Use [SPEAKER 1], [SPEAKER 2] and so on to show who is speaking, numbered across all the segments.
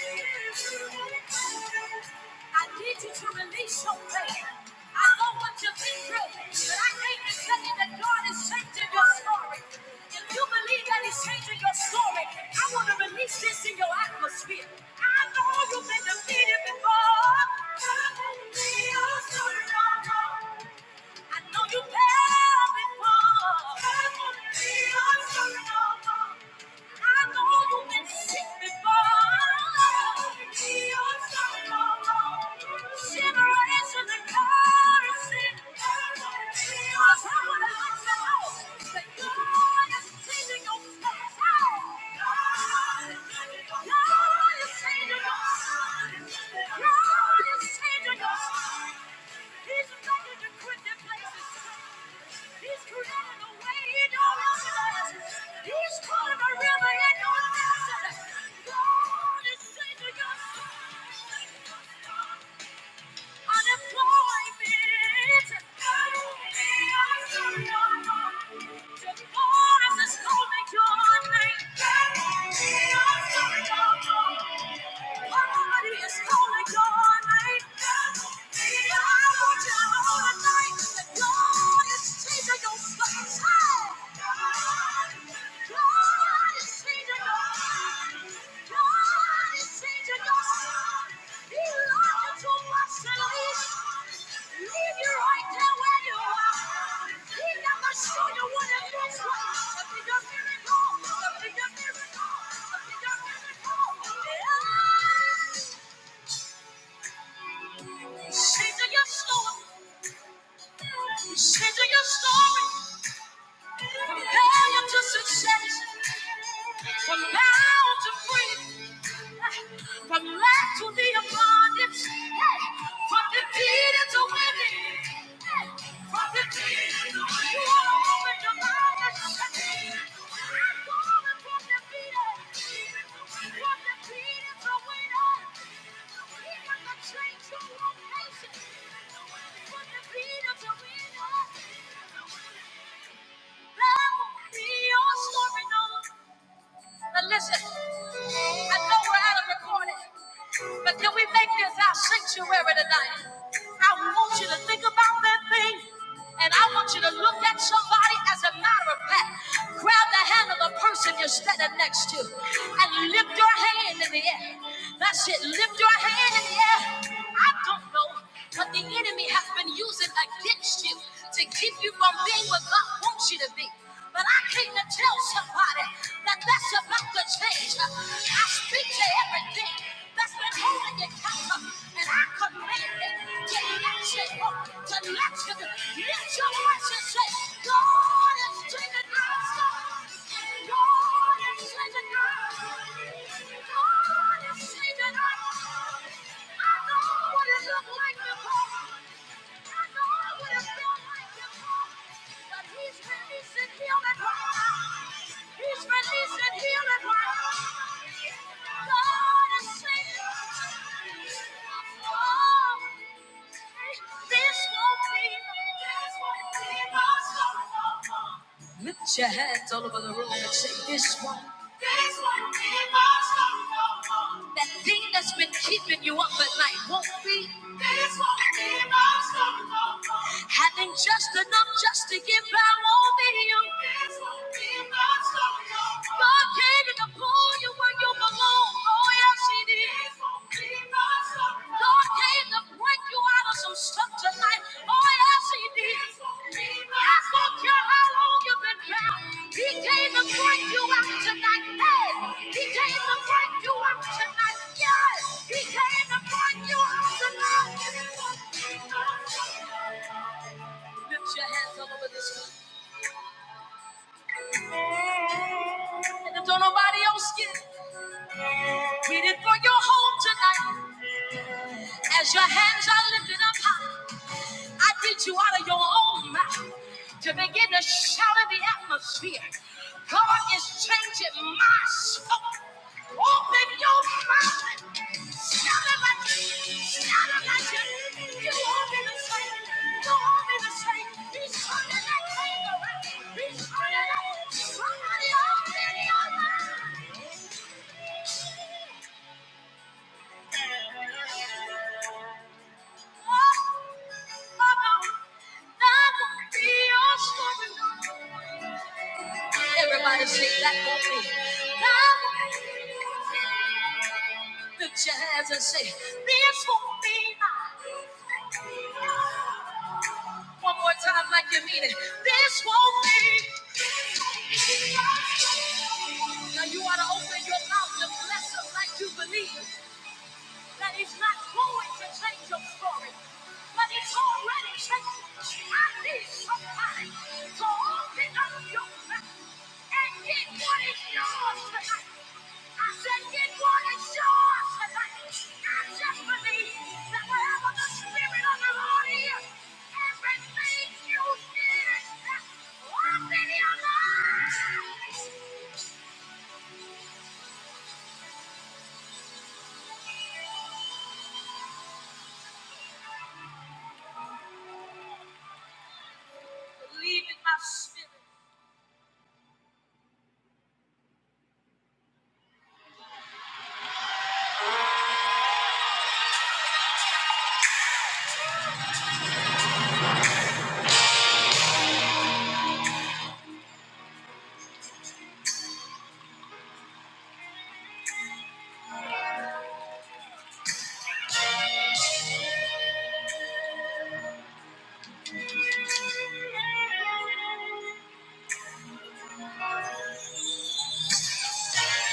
[SPEAKER 1] I need you to release your pain. I know what you've been through, but I came to tell you that God is changing your story. If you believe that He's changing your story, I want to release this in your atmosphere. I know you've been defeated before. I know you've been defeated before. I know you have before. I know you've been sick before. Generations and curses. But God is changing your past. God is changing your God is changing your God is changing your He's ready to quit the places. He's created a way in your exodus. He's calling a river in your desert. God is sending us unemployment. To God is calling your name. God is changing your soul. He loves you too much to leave. Leave you right there where you are. He never showed you what it looks like to be miracle, to be miracle, to be miracle. Yeah. Say your story, say your story, from failure to success, from now to free. From lack to the abundance, from defeated to winning, from defeated to winning. You want to open your mouth and shout it. I'm going from defeated, from defeated to winner. He got to change your location. From defeated to winner. That will be your story, no. Now listen, I know we're out of recording. But can we make this our sanctuary tonight? I want you to think about that thing. And I want you to look at somebody as a matter of fact. Grab the hand of the person you're standing next to and lift your hand in the air. That's it. Lift your hand in the air. I don't know what the enemy has been using against you to keep you from being what God wants you to be. But I came to tell somebody that that's about to change. I speak to everything that's been holding you captive. And I command it to let you go, to let you go. Lift your voice and say, God is taking us. God is taking us. God is taking us. I know what it looked like before. Lift your hands all over the room and say, This one. this one be my story no more. That thing that's been keeping you up at night won't be. This one be my story no more. Having just enough just to give back won't be you. This one be my story no more. God came to pull you where you belong. Oh, yes, He did. This won't be God came to break you out of some stuff tonight. Oh, yes, He did. I don't care how long you've been bound. He came to break you out tonight. Hey, He came to break you out tonight. Yes, He came to break you out tonight. Lift your hands all over this room. And if don't nobody else get it, get it for your home tonight. As your hands are lifted up high. I did you out of your own mouth to begin to shout in the atmosphere. God is changing my soul. Open your mouth and shout it like you, shout it like you. You want me to say, you want me to say, he's turning that thing around. He's turning that. Somebody open your mouth. Everybody sing that for me. The jazz and say, this won't be mine. One more time like you mean it. This won't be. Now you ought to open your mouth and bless them like you believe. that is not going to change your story, but it's already changed. I need somebody to open up your mouth and get what is yours tonight. I said, get what is yours tonight. I just believe that wherever the Spirit of the Lord is, everything you need is locked in your life. Believe in my spirit.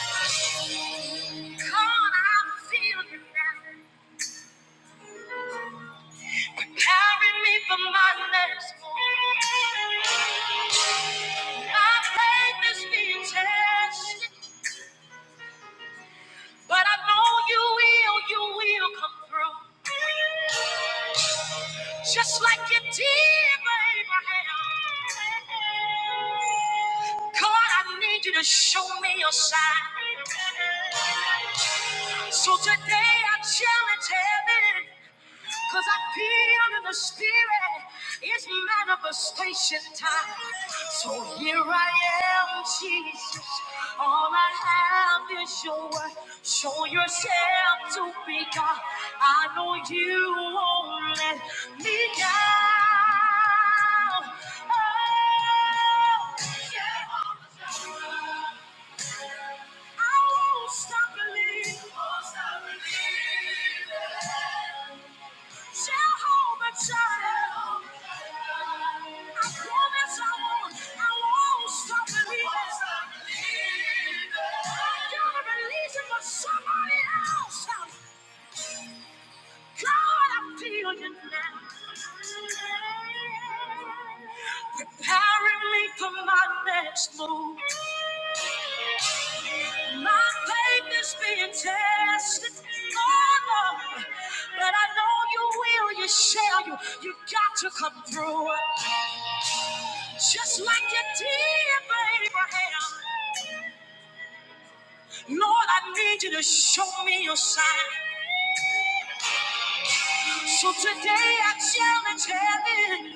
[SPEAKER 1] Come on, I feel you now. Carry me for my next move. My faith is being tested, but I know you will, you will come through. Just like you did, Abraham. God, I need you to show me your sign. So today I challenge him, cause I feel in the spirit. It's manifest. Somebody else, God, I'm feeling it now. Preparing me for my next move. My faith is being tested, Lord, but I know you will, you shall, you, you got to come through. Just like you did for Abraham. Lord, I need you to show me your sign. So today I challenge heaven,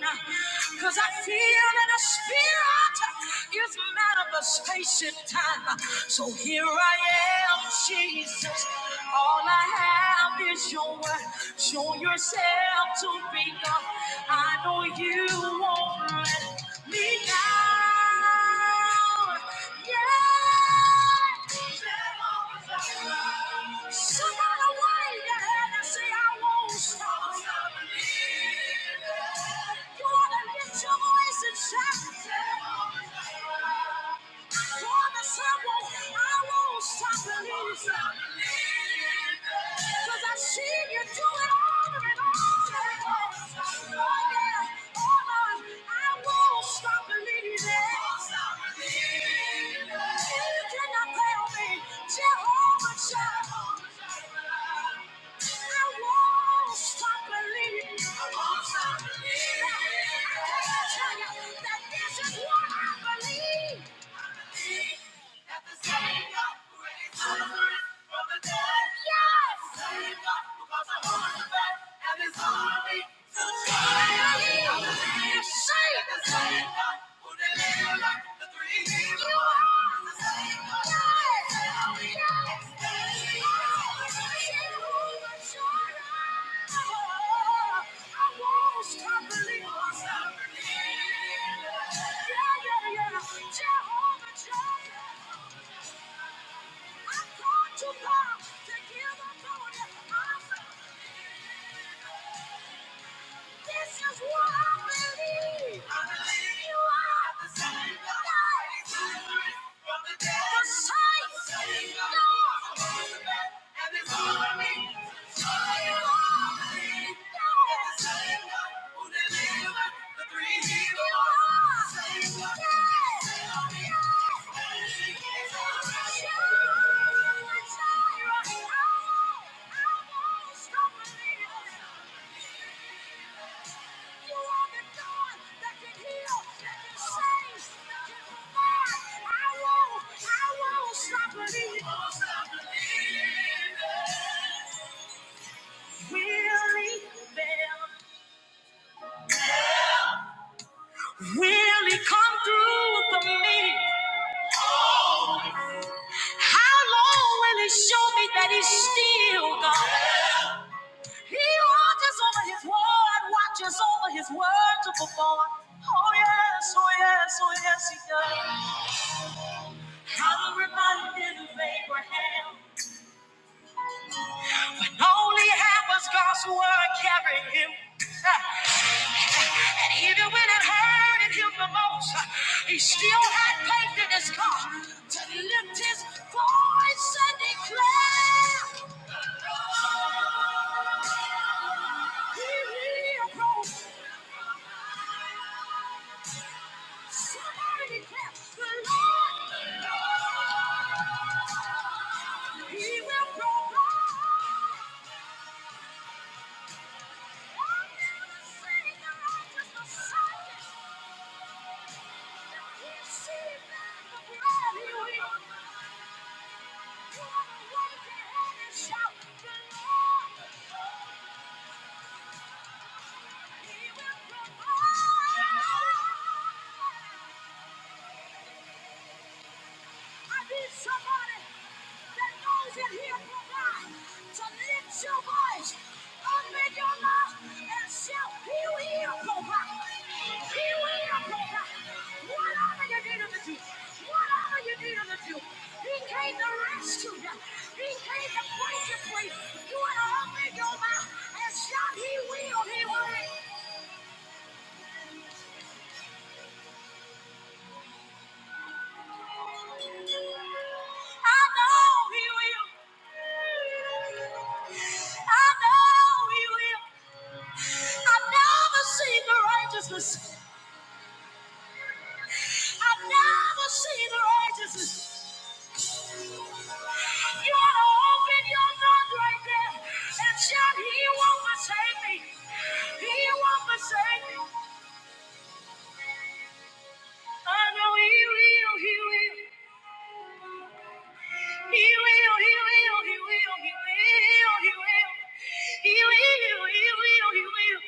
[SPEAKER 1] cause I feel that a spirit is manifestation time. So here I am, Jesus. All I have is your word. Show yourself to be God. I know you won't let me down. Yeah. Somebody wait Shout. Promise I won't, I won't stop believing. Cause I've seen you do it over and over and over. Oh yeah, oh Lord, I won't stop believing. You cannot fail me, Jehovah Jireh. I won't stop believing. I won't stop believing. I can tell you that this is what I believe. Yes! Jehovah Jireh, I called you, God, to give up on it. This is what I believe. I believe you are the Son of God. From the dead. The Son of God. And it's all I need. So you are the God. the Son of God who delivered the three Hebrews. You are. the Son of God. Yes. You are the God that can heal, that can save, that can provide. I won't, I won't stop believing. will he Will he come through for me? How long will he show me that he's still God? He watches over his word, watches over his word to perform. Oh yes, oh yes, oh yes, he does. I'm reminded of Abraham. Only half was God's word carrying him. And even when it hurted him the most, he still had faith in his God to lift his voice and declare, He lives. Somebody declare, the Lord, the Lord, He will provide. Shout the Lord, He will provide. I need somebody that knows that He'll provide to lift your voice up in your life and shout, He will provide. He will provide. Whatever you need Him to do, whatever you need Him to do, He came to rescue you. He came to break you free. You want to open your mouth and shout, He will, He will. I know He will. I know He will. I've never seen the righteousness. I've never seen the righteousness. You ought to open your mouth right there and shout, He won't forsake me. He won't forsake me. I know He will, He will. He will, He will, He will, He will, He will. He will, He will, He will.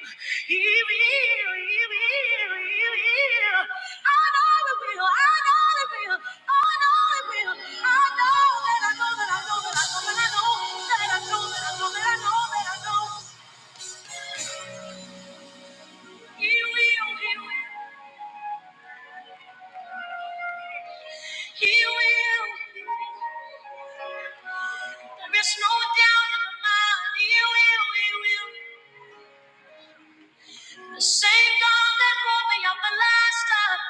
[SPEAKER 1] He will, He will, He will. I know He will, I know He will, I know He will. I know that I know that I know that I know that I know that I know that I know that I know that I know. He will, He will. He will. There is no doubt in my mind, He will, He will. The same God that woke me up the last time,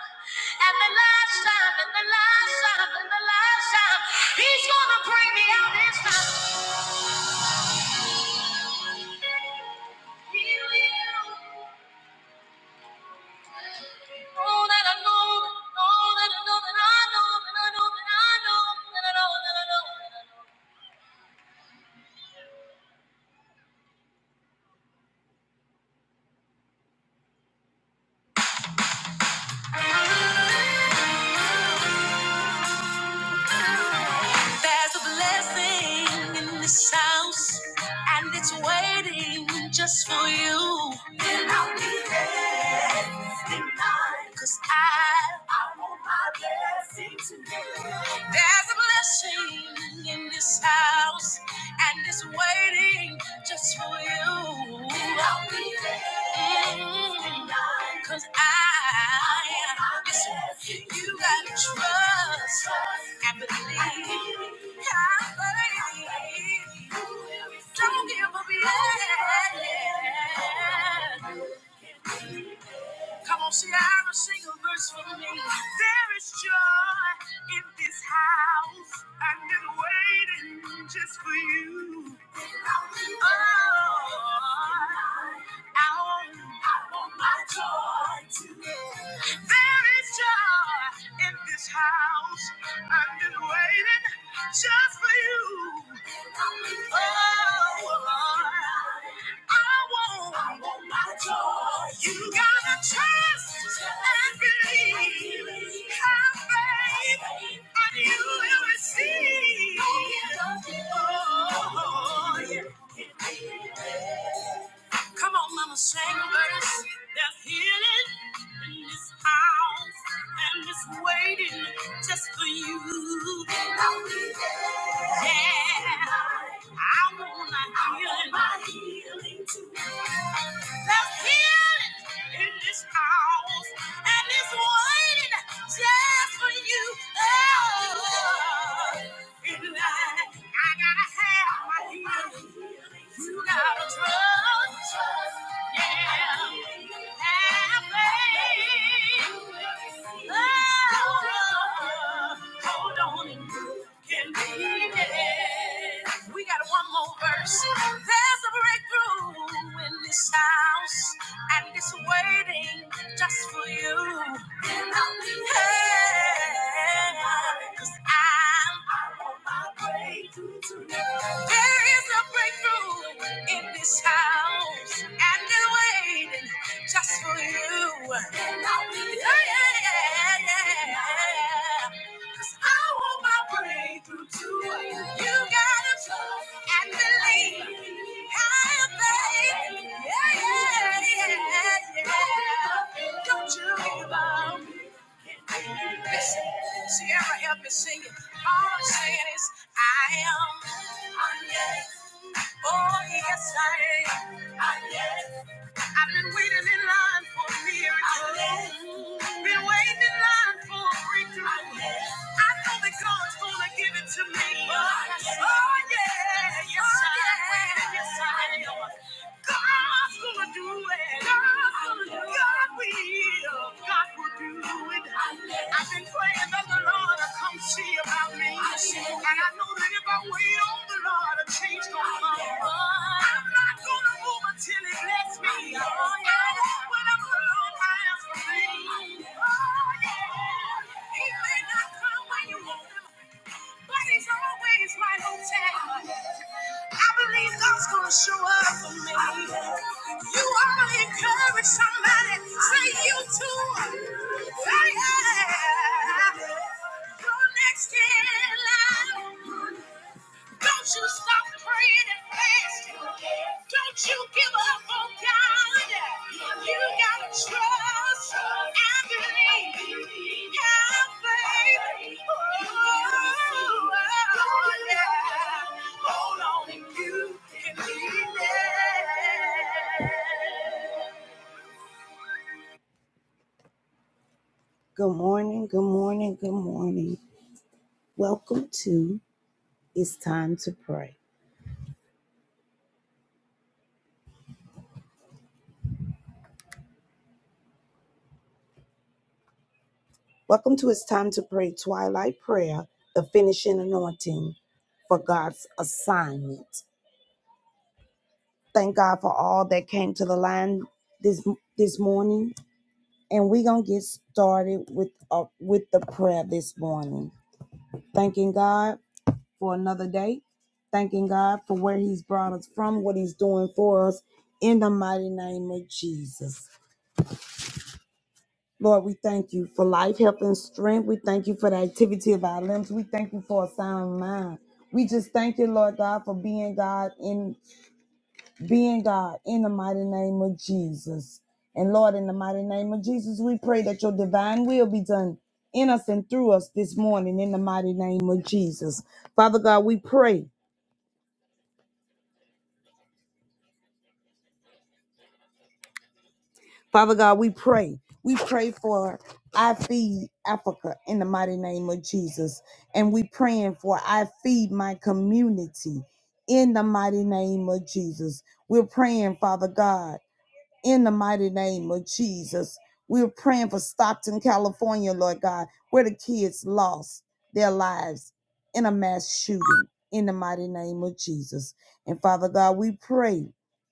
[SPEAKER 1] and the last time, and the last time, and the last time. He's gonna bring me out this time. He will. Oh, that I know, oh, that I know, that I know, that I know, that I know, that I know, that I know. There's a blessing in this house, and it's waiting just for you. And I'll be there tonight, 'cause I, I want my blessing tonight. There's a blessing in this house, and it's waiting just for you. And I'll be there. Cause I, listen, you gotta trust and believe. I believe. Don't give up yet. Come on, Ciara, sing a verse for me. There is joy in this house. I've been waiting just for you. Oh, I want, I want my joy today. There is joy in this house. I've been waiting just for you. You gotta trust and believe. Have faith and you will receive. Oh, yeah. Come on, mama, sing a verse. There's healing in this house, and it's waiting just for you. And I'll be there. Yeah, I want my healing. I want my healing too. There's healing in this house, and it's waiting just for you. Oh, in line, I gotta have my healing. You gotta trust. We got one more verse. There's a breakthrough in this house, and it's waiting just for you. And I'll be there. Hey, 'cause I'm there is a breakthrough in this house, and it's waiting just for you. Yeah, yeah, yeah. yeah. 'Cause I want my breakthrough too. You gotta trust and believe. Have faith. Yeah, yeah, yeah, yeah. Don't you give up. Listen, Sierra help me sing it. All I'm saying is, I am. I am. Oh, yes, I am. I am. I've been waiting in line for a miracle. I am. Been waiting in line for a breakthrough. I am. I know that God's gonna give it to me. Oh, I am. Oh, yeah. Yes, I am. Yes, I am. God's gonna do it. God's gonna do it. God will. God will do it. I've been praying that the Lord will come see about me. And I know that if I wait on the Lord, a change gonna come. I'm not gonna move until He lets me. I know what I'm the Lord has for me. He may not come when you want him, but he's always right on time. I believe God's gonna show up for me. You ought to encourage somebody. Say you too. Say yeah. Go next in line. Don't you stop praying and fasting. Don't you give up on God. You gotta trust and believe. Have faith. Oh, yeah. Hold on and you can be there. Good morning, good morning, good morning. Welcome to It's Time to Pray. Welcome to It's Time to Pray Twilight Prayer, the finishing anointing for God's assignment. Thank God for all that came to the line this this morning. And we're gonna get started with uh, with the prayer this morning. Thanking God for another day. Thanking God for where He's brought us from, what He's doing for us in the mighty name of Jesus. Lord, we thank you for life, health, and strength. We thank you for the activity of our limbs. We thank you for a sound mind. We just thank you, Lord God, for being God in being God in the mighty name of Jesus. And Lord, in the mighty name of Jesus, we pray that your divine will be done in us and through us this morning in the mighty name of Jesus. Father God, we pray. Father God, we pray. We pray for I Feed Africa in the mighty name of Jesus. And we praying for I Feed My Community in the mighty name of Jesus. We're praying, Father God in the mighty name of Jesus. We're praying for Stockton, California, Lord God, where the kids lost their lives in a mass shooting in the mighty name of Jesus. And Father God, we pray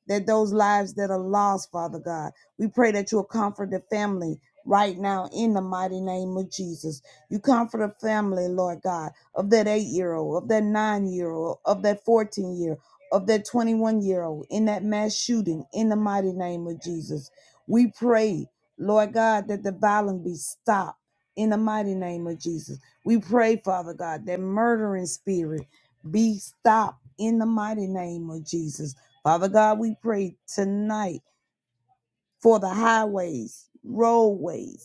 [SPEAKER 1] that those lives that are lost, Father God, we pray that you'll comfort the family right now in the mighty name of Jesus. You comfort a family, Lord God, of that eight year old, of that nine year old, of that 14 year old of that 21 year old in that mass shooting in the mighty name of Jesus. We pray, Lord God, that the violence be stopped in the mighty name of Jesus. We pray, Father God, that murdering spirit be stopped in the mighty name of Jesus. Father God, we pray tonight for the highways, roadways,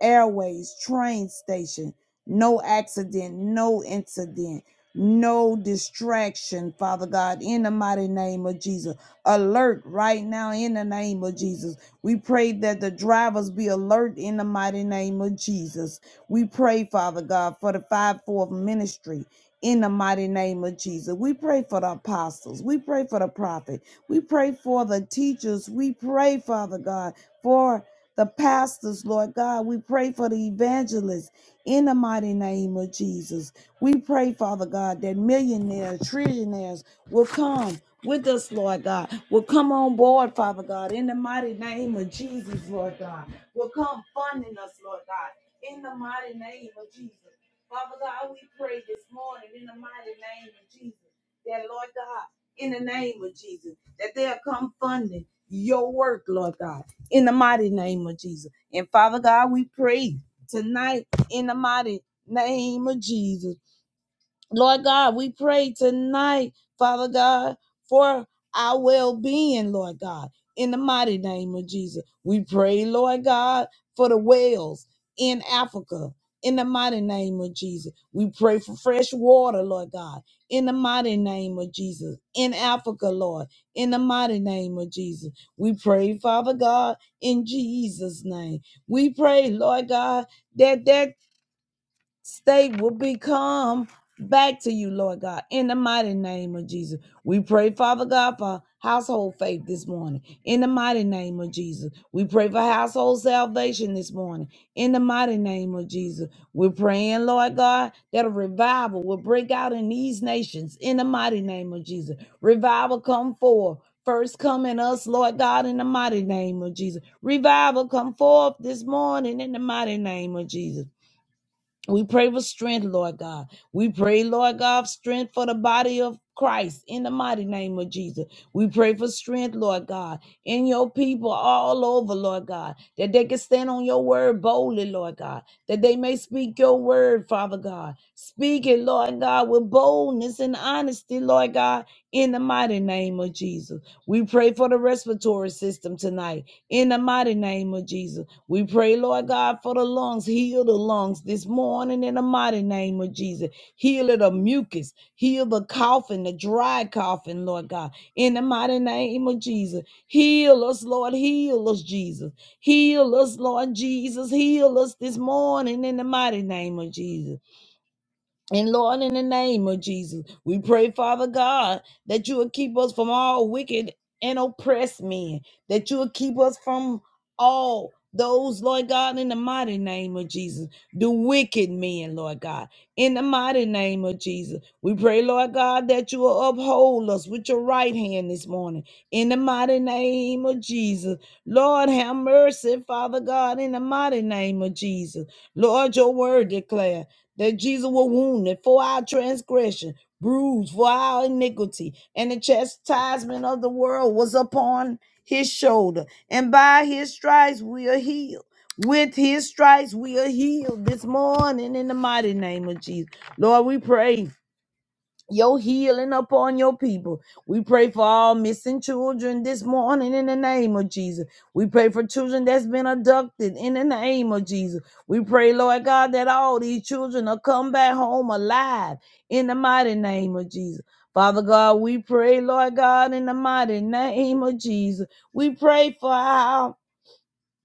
[SPEAKER 1] airways, train station. No accident, no incident, no distraction, Father God, in the mighty name of Jesus. Alert right now in the name of Jesus. We pray that the drivers be alert in the mighty name of Jesus. We pray, Father God, for the fivefold ministry in the mighty name of Jesus. We pray for the apostles. We pray for the prophet. We pray for the teachers. We pray, Father God, for the pastors, Lord God. We pray for the evangelists in the mighty name of Jesus. We pray, Father God, that millionaires, trillionaires will come with us, Lord God, will come on board, Father God, in the mighty name of Jesus, Lord God, will come funding us, Lord God, in the mighty name of Jesus. Father God, we pray this morning in the mighty name of Jesus that, Lord God, in the name of Jesus, that they'll come funding your work, Lord God, in the mighty name of Jesus. And Father God, we pray tonight in the mighty name of Jesus Lord God, we pray tonight, Father God, for our well being, Lord God, in the mighty name of Jesus. We pray, Lord God, for the whales in Africa, in the mighty name of Jesus. We pray for fresh water, Lord God, in the mighty name of Jesus, in Africa, Lord, in the mighty name of Jesus. We pray, Father God, in Jesus' name. We pray, Lord God, that that state will become back to you, Lord God, in the mighty name of Jesus. We pray, Father God, for household faith this morning, in the mighty name of Jesus. We pray for household salvation this morning, in the mighty name of Jesus. We're praying, Lord God, that a revival will break out in these nations, in the mighty name of Jesus. Revival come forth. First come in us, Lord God, in the mighty name of Jesus. Revival come forth this morning in the mighty name of Jesus. We pray for strength, Lord God. We pray, Lord God, strength for the body of Christ in the mighty name of Jesus. We pray for strength, Lord God, in your people all over, Lord God, that they can stand on your word boldly, Lord God, that they may speak your word, Father God. Speak it, Lord God, with boldness and honesty, Lord God, in the mighty name of Jesus. We pray for the respiratory system tonight, in the mighty name of Jesus. We pray, Lord God, for the lungs. Heal the lungs this morning in the mighty name of Jesus. Heal the mucus. Heal the coughing, the dry coughing, Lord God, in the mighty name of Jesus. Heal us, Lord. Heal us, Jesus. Heal us, Lord Jesus. Heal us this morning in the mighty name of Jesus. And Lord, in the name of Jesus, we pray, Father God, that you will keep us from all wicked and oppressed men, that you will keep us from all those, Lord God, in the mighty name of Jesus, the wicked men, Lord God, in the mighty name of Jesus. We pray, Lord God, that you will uphold us with your right hand this morning, in the mighty name of Jesus. Lord, have mercy, Father God, in the mighty name of Jesus. Lord, your word declares that Jesus was wounded for our transgression, bruised for our iniquity, and the chastisement of the world was upon his shoulder, and by his stripes we are healed. With his stripes we are healed this morning in the mighty name of Jesus. Lord, we pray your healing upon your people. We pray for all missing children this morning in the name of Jesus. We pray for children that's been abducted in the name of Jesus. We pray, Lord God, that all these children will come back home alive in the mighty name of Jesus. Father God, we pray, Lord God, in the mighty name of Jesus. We pray for our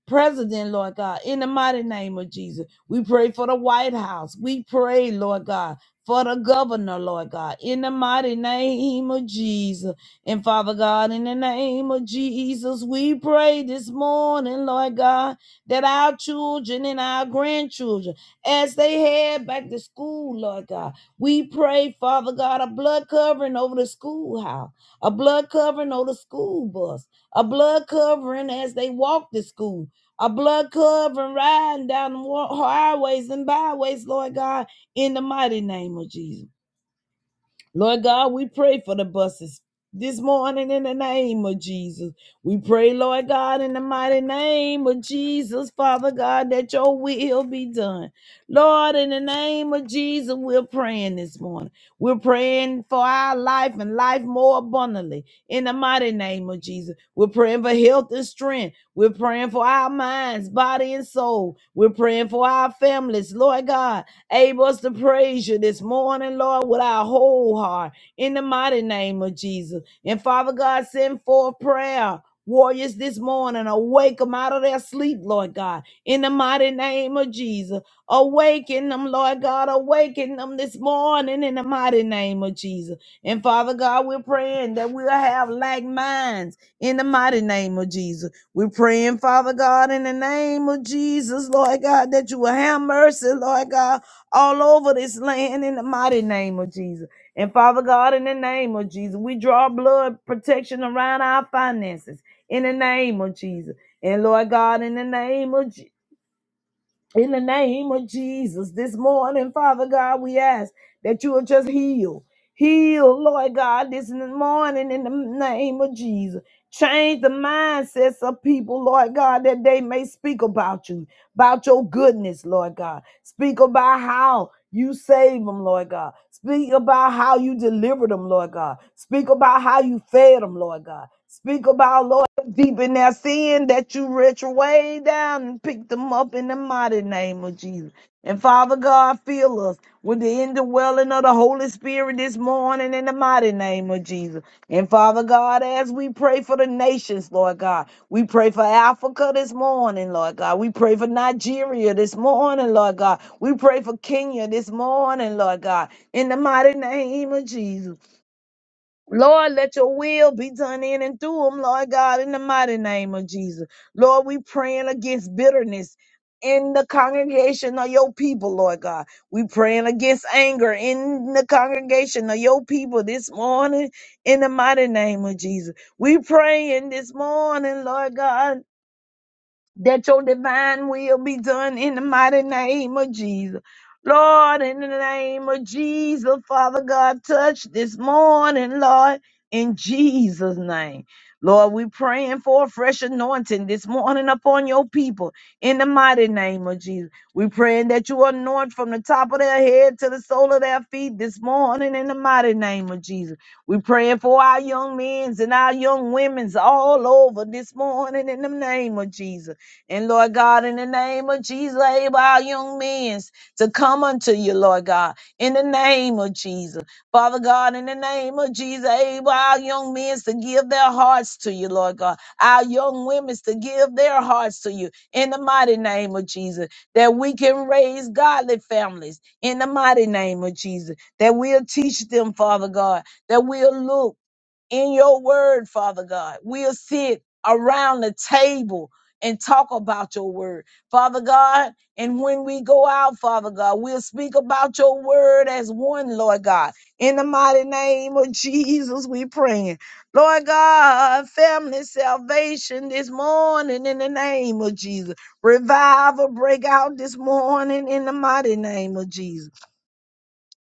[SPEAKER 1] president, Lord God, in the mighty name of Jesus. We pray for the White House. We pray, Lord God, for the governor, Lord God, in the mighty name of Jesus. And Father God, in the name of Jesus, we pray this morning, Lord God, that our children and our grandchildren, as they head back to school, Lord God, we pray, Father God, a blood covering over the schoolhouse, a blood covering over the school bus, a blood covering as they walk to school, a blood covering riding down the highways and byways, Lord God, in the mighty name of Jesus. Lord God, we pray for the buses this morning in the name of Jesus. We pray, Lord God, in the mighty name of Jesus, Father God, that your will be done. Lord, in the name of Jesus, we're praying this morning. We're praying for our life and life more abundantly in the mighty name of Jesus. We're praying for health and strength. We're praying for our minds, body, and soul. We're praying for our families, Lord God. Able us to praise you this morning, Lord, with our whole heart in the mighty name of Jesus. And Father God, send forth prayer. Warriors this morning, awake them out of their sleep, Lord God, in the mighty name of Jesus. Awaken them, Lord God, awaken them this morning in the mighty name of Jesus. And Father God, we're praying that we'll have like minds in the mighty name of Jesus. We're praying, Father God, in the name of Jesus, Lord God, that you will have mercy, Lord God, all over this land in the mighty name of Jesus. And Father God, in the name of Jesus, we draw blood protection around our finances in the name of Jesus. And Lord God, in the name of Jesus. In the name of Jesus, this morning, Father God, we ask that you will just heal. Heal, Lord God, this morning in the name of Jesus. Change the mindsets of people, Lord God, that they may speak about you, about your goodness, Lord God. Speak about how you save them, Lord God. Speak about how you delivered them, Lord God. Speak about how you fed them, Lord God. Speak about, Lord deep in their sin that you reach way down and pick them up in the mighty name of Jesus. And Father God, fill us with the indwelling of the Holy Spirit this morning in the mighty name of Jesus. And Father God, as we pray for the nations, Lord God, we pray for Africa this morning, Lord God. We pray for Nigeria this morning, Lord God. We pray for Kenya this morning, Lord God, in the mighty name of Jesus. Lord, let your will be done in and through them, Lord God, in the mighty name of Jesus. Lord, we praying against bitterness in the congregation of your people, Lord God. We praying against anger in the congregation of your people this morning in the mighty name of Jesus. We praying this morning, Lord God. That your divine will be done in the mighty name of Jesus. Lord, in the name of Jesus, Father God, touch this morning, Lord, in Jesus' name. Lord, we praying for a fresh anointing this morning upon your people in the mighty name of Jesus. We praying that you anoint from the top of their head to the sole of their feet this morning in the mighty name of Jesus. We praying for our young men's and our young women's all over this morning in the name of Jesus. And Lord God, in the name of Jesus, Abel, our young men to come unto you, Lord God, in the name of Jesus. Father God, in the name of Jesus, able our young men to give their hearts to you, Lord God. Our young women to give their hearts to you in the mighty name of Jesus. That we can raise godly families in the mighty name of Jesus. That we'll teach them, Father God, that we'll look in your word, Father God. We'll sit around the table and talk about your word, Father God. And when we go out, Father God, we'll speak about your word as one, Lord God. In the mighty name of Jesus, we praying. Lord God, family salvation this morning in the name of Jesus. Revival break out this morning in the mighty name of Jesus.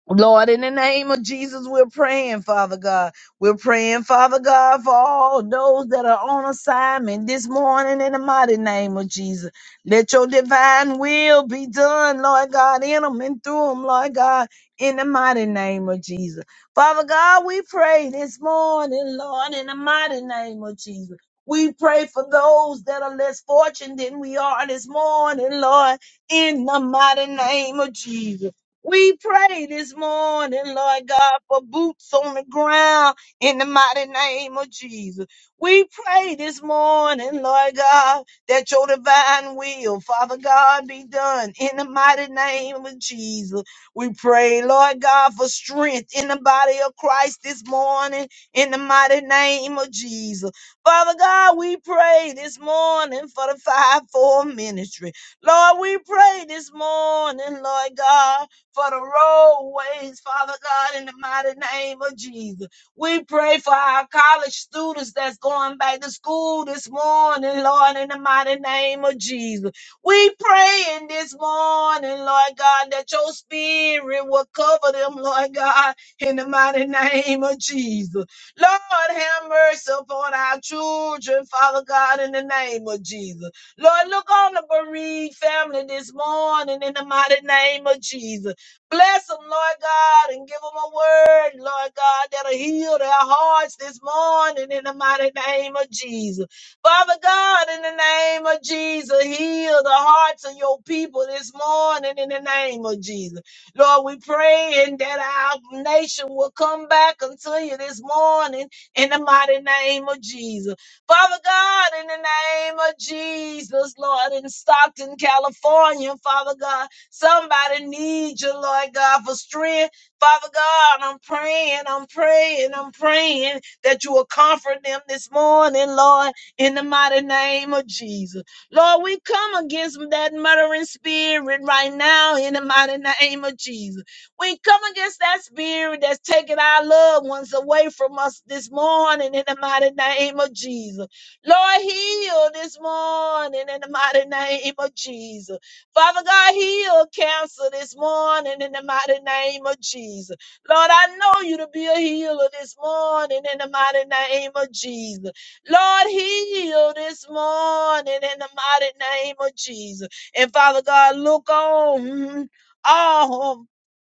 [SPEAKER 1] Lord, in the name of Jesus, we're praying, Father God. We're praying, Father God, for all those that are on assignment this morning in the mighty name of Jesus. Let your divine will be done, Lord God, in them and through them, Lord God, in the mighty name of Jesus. Father God, we pray this morning, Lord, in the mighty name of Jesus. We pray for those that are less fortunate than we are this morning, Lord, in the mighty name of Jesus. We pray this morning, Lord God, for boots on the ground in the mighty name of Jesus. We pray this morning, Lord God, that your divine will, Father God, be done in the mighty name of Jesus. We pray, Lord God, for strength in the body of Christ this morning in the mighty name of Jesus. Father God, we pray this morning for the five-fold ministry. Lord, we pray this morning, Lord God for the roadways, Father God, in the mighty name of Jesus. We pray for our college students that's going back to school this morning, Lord, in the mighty name of Jesus. We praying this morning, Lord God, that your spirit will cover them, Lord God, in the mighty name of Jesus. Lord, have mercy upon our children, Father God, in the name of Jesus. Lord, look on the bereaved family this morning in the mighty name of Jesus. Bless them, Lord God, and give them a word, Lord God, that'll heal their hearts this morning in the mighty name of Jesus. Father God, in the name of Jesus, heal the hearts of your people this morning in the name of Jesus. Lord, we praying that our nation will come back unto you this morning in the mighty name of Jesus. Father God, in the name of Jesus, Lord, in Stockton, California, Father God, Somebody needs you, Lord God, for strength. Father God, I'm praying, I'm praying, I'm praying that you will comfort them this morning, Lord, in the mighty name of Jesus. Lord, we come against that murdering spirit right now in the mighty name of Jesus. We come against that spirit that's taking our loved ones away from us this morning in the mighty name of Jesus. Lord, heal this morning in the mighty name of Jesus. Father God, heal cancer this morning in the mighty name of Jesus. Lord, I know you to be a healer this morning in the mighty name of Jesus. Lord, heal this morning in the mighty name of Jesus. And Father God, look on. mhm, all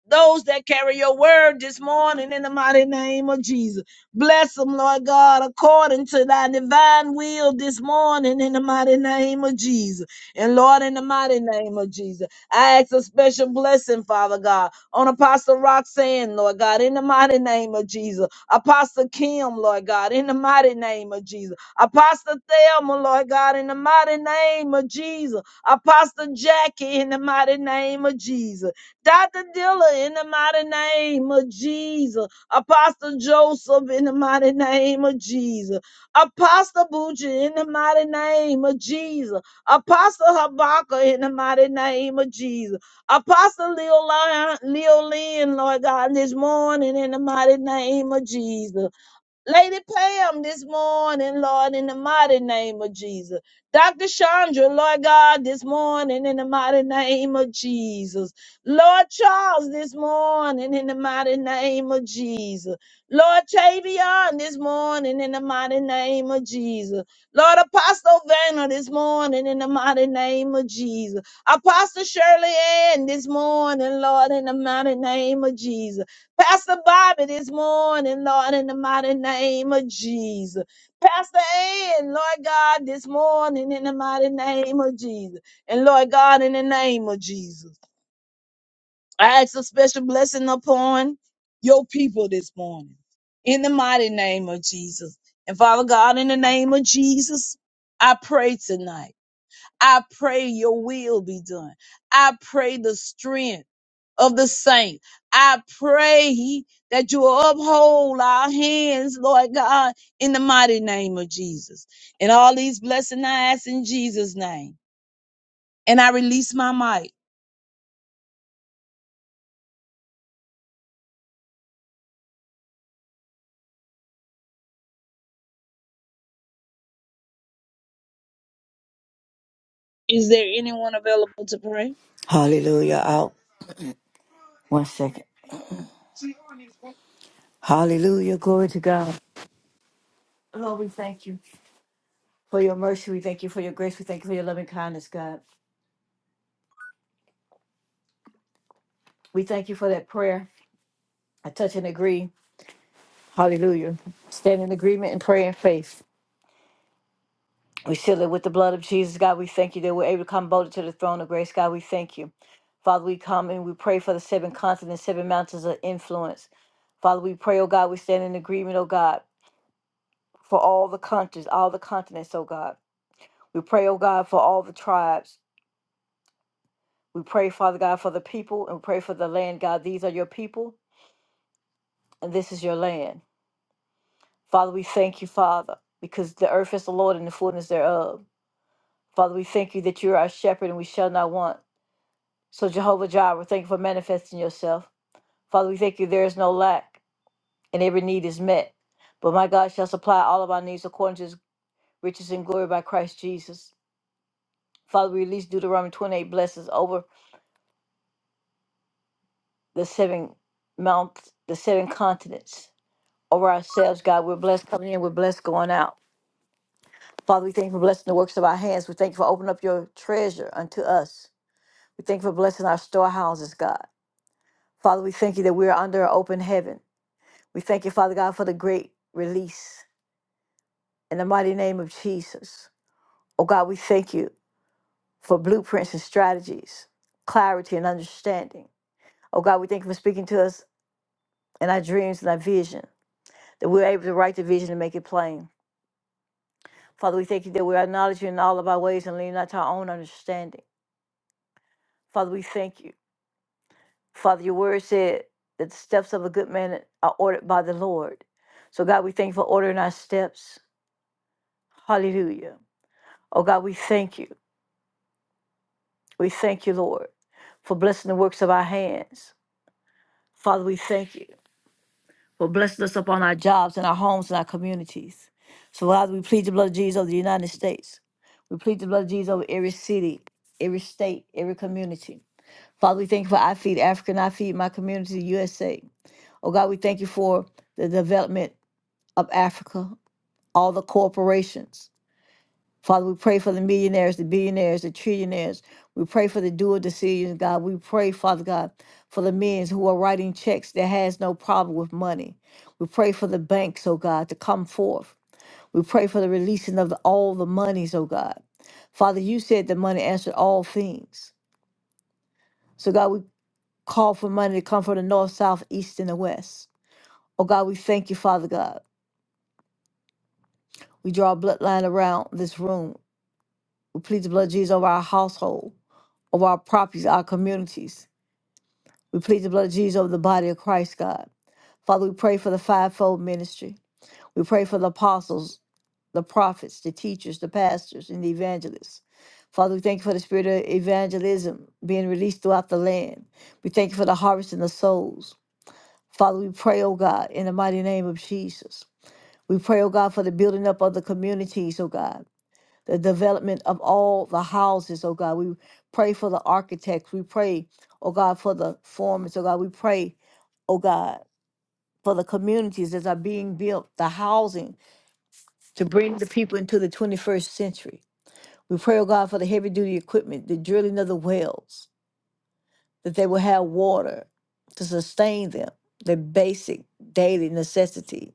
[SPEAKER 1] those that carry your word this morning in the mighty name of Jesus. Bless them, Lord God, according to thy divine will this morning in the mighty name of Jesus. And Lord, in the mighty name of Jesus, I ask a special blessing, Father God, on Apostle Roxanne, Lord God, in the mighty name of Jesus. Apostle Kim, Lord God, in the mighty name of Jesus. Apostle Thelma, Lord God, in the mighty name of Jesus. Apostle Jackie, in the mighty name of Jesus. Dr. Dilla, in the mighty name of Jesus. Apostle Joseph, in the mighty name of Jesus. Apostle Bucci, in the mighty name of Jesus. Apostle Habakkuk, in the mighty name of Jesus. Apostle Leo Lyon, Leo Lynn, Lord God, this morning, in the mighty name of Jesus. Lady Pam this morning, Lord, in the mighty name of Jesus. Dr. Chandra, Lord God, this morning in the mighty name of Jesus. Lord Charles this morning in the mighty name of Jesus. Lord Tavion this morning in the mighty name of Jesus. Lord Apostle Vanna this morning in the mighty name of Jesus. Apostle Shirley Ann this morning, Lord, in the mighty name of Jesus. Pastor Bobby this morning, Lord, in the mighty name of Jesus. Pastor Ann, Lord God, this morning in the mighty name of Jesus. And Lord God, in the name of Jesus. I ask a special blessing upon your people this morning in the mighty name of Jesus. And Father God, in the name of Jesus, I pray tonight. I pray your will be done. I pray the strength of the saint. I pray that you will uphold our hands, Lord God, in the mighty name of Jesus. And all these blessings I ask in Jesus' name. And I release my mic. Is there anyone available to pray?
[SPEAKER 2] Hallelujah. Out. One second. Hallelujah. Glory to God. Lord, we thank you for your mercy. We thank you for your grace. We thank you for your loving kindness, God. We thank you for that prayer. I touch and agree. Hallelujah. Stand in agreement and pray in faith. We seal it with the blood of Jesus, God. We thank you that we're able to come boldly to the throne of grace, God. We thank you. Father, we come and we pray for the seven continents, seven mountains of influence. Father, we pray, oh God, we stand in agreement, oh God, for all the countries, all the continents, oh God. We pray, oh God, for all the tribes. We pray, Father God, for the people and pray for the land, God. These are your people and this is your land. Father, we thank you, Father, because the earth is the Lord and the fullness thereof. Father, we thank you that you are our shepherd and we shall not want. So, Jehovah Jireh, thank you for manifesting yourself. Father, we thank you there is no lack and every need is met. But my God shall supply all of our needs according to his riches and glory by Christ Jesus. Father, we release Deuteronomy 28 blessings over the seven mounts, the seven continents over ourselves, God. We're blessed coming in, we're blessed going out. Father, we thank you for blessing the works of our hands. We thank you for opening up your treasure unto us. We thank you for blessing our storehouses, God. Father, we thank you that we are under an open heaven. We thank you, Father God, for the great release in the mighty name of Jesus. Oh God, we thank you for blueprints and strategies, clarity and understanding. Oh God, we thank you for speaking to us in our dreams and our vision, that we're able to write the vision and make it plain. Father, we thank you that we acknowledge you in all of our ways and lean not to our own understanding. Father, we thank you. Father, your word said that the steps of a good man are ordered by the Lord. So, God, we thank you for ordering our steps. Hallelujah. Oh, God, we thank you. We thank you, Lord, for blessing the works of our hands. Father, we thank you for blessing us upon our jobs and our homes and our communities. So, Father, we plead the blood of Jesus over the United States. We plead the blood of Jesus over every city, every state, every community. Father, we thank you for I Feed Africa and I Feed My Community USA. Oh God, we thank you for the development of Africa, all the corporations. Father, we pray for the millionaires, the billionaires, the trillionaires. We pray for the dual decisions, God. We pray, Father God, for the men who are writing checks that has no problem with money. We pray for the banks, oh God, to come forth. We pray for the releasing of the, all the monies, oh God. Father, you said the money answered all things. So God, we call for money to come from the north, south, east, and the west. Oh God, we thank you, Father God. We draw a bloodline around this room. We plead the blood of Jesus over our household, over our properties, our communities. We plead the blood of Jesus over the body of Christ, God. Father, we pray for the fivefold ministry. We pray for the apostles, the prophets, the teachers, the pastors, and the evangelists. Father, we thank you for the spirit of evangelism being released throughout the land. We thank you for the harvest in the souls. Father, we pray, oh God, in the mighty name of Jesus. We pray, oh God, for the building up of the communities, oh God, the development of all the houses, oh God. We pray for the architects. We pray, oh God, for the foremen, oh God. We pray, oh God, for the communities that are being built, the housing to bring the people into the 21st century. We pray, oh God, for the heavy duty equipment, the drilling of the wells, that they will have water to sustain them, their basic daily necessities.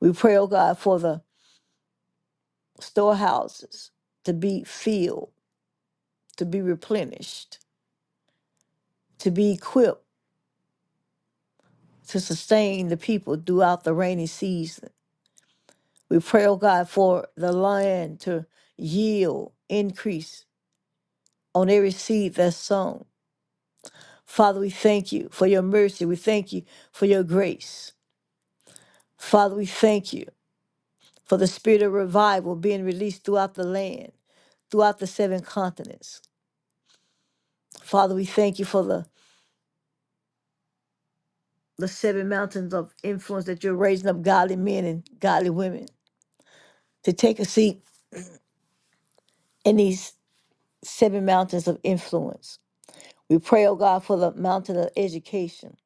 [SPEAKER 2] We pray, oh God, for the storehouses to be filled, to be replenished, to be equipped to sustain the people throughout the rainy season. We pray, oh God, for the land to yield increase on every seed that's sown. Father, we thank you for your mercy. We thank you for your grace. Father, we thank you for the spirit of revival being released throughout the land, throughout the seven continents. Father, we thank you for the the seven mountains of influence that you're raising up godly men and godly women to take a seat in these seven mountains of influence. We pray, oh God, for the mountain of education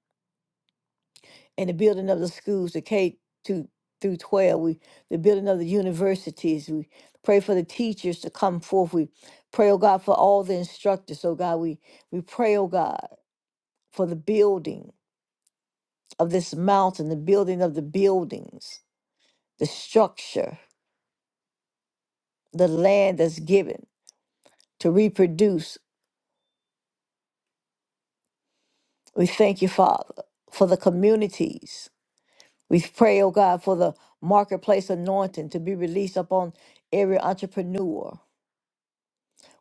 [SPEAKER 2] and the building of the schools, the K to through 12. We the building of the universities. We pray for the teachers to come forth. We pray, oh God, for all the instructors. Oh God, we we pray, oh God, for the building of this mountain, the building of the buildings, the structure the land that's given to reproduce. We thank you, Father, for the communities. We pray, oh God, for the marketplace anointing to be released upon every entrepreneur.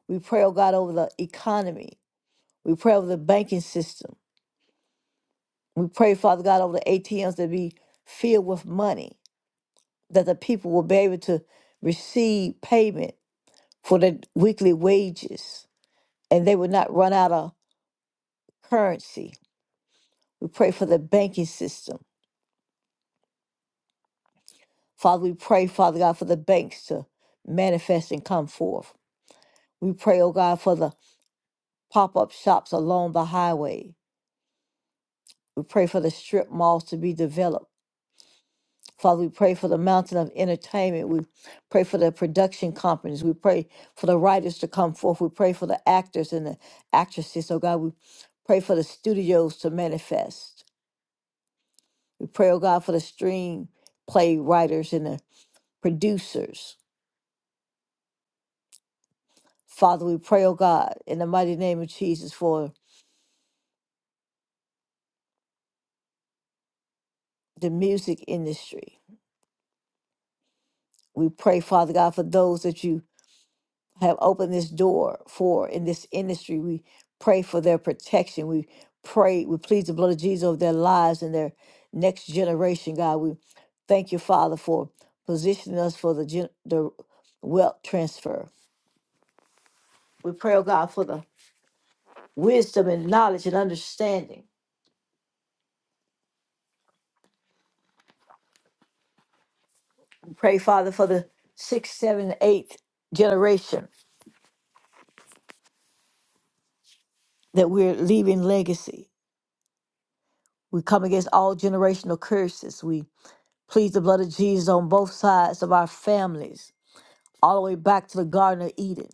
[SPEAKER 2] We pray, oh God, over the economy. We pray over the banking system. We pray, Father God, over the ATMs that be filled with money, that the people will be able to receive payment for their weekly wages and they will not run out of currency. We pray for the banking system. Father, we pray, Father God, for the banks to manifest and come forth. We pray, oh God, for the pop up shops along the highway. We pray for the strip malls to be developed. Father, we pray for the mountain of entertainment. We pray for the production companies. We pray for the writers to come forth. We pray for the actors and the actresses. Oh God, we pray for the studios to manifest. We pray, oh God, for the stream play writers and the producers. Father, we pray, oh God, in the mighty name of Jesus for the music industry. We pray, Father God, for those that you have opened this door for in this industry. We pray for their protection. We pray, we plead the blood of Jesus over their lives and their next generation, God. We thank you, Father, for positioning us for the, gen- the wealth transfer. We pray, oh God, for the wisdom and knowledge and understanding. We pray, Father, for the sixth, seventh, and eighth generation that we're leaving legacy. We come against all generational curses. We plead the blood of Jesus on both sides of our families, all the way back to the Garden of Eden.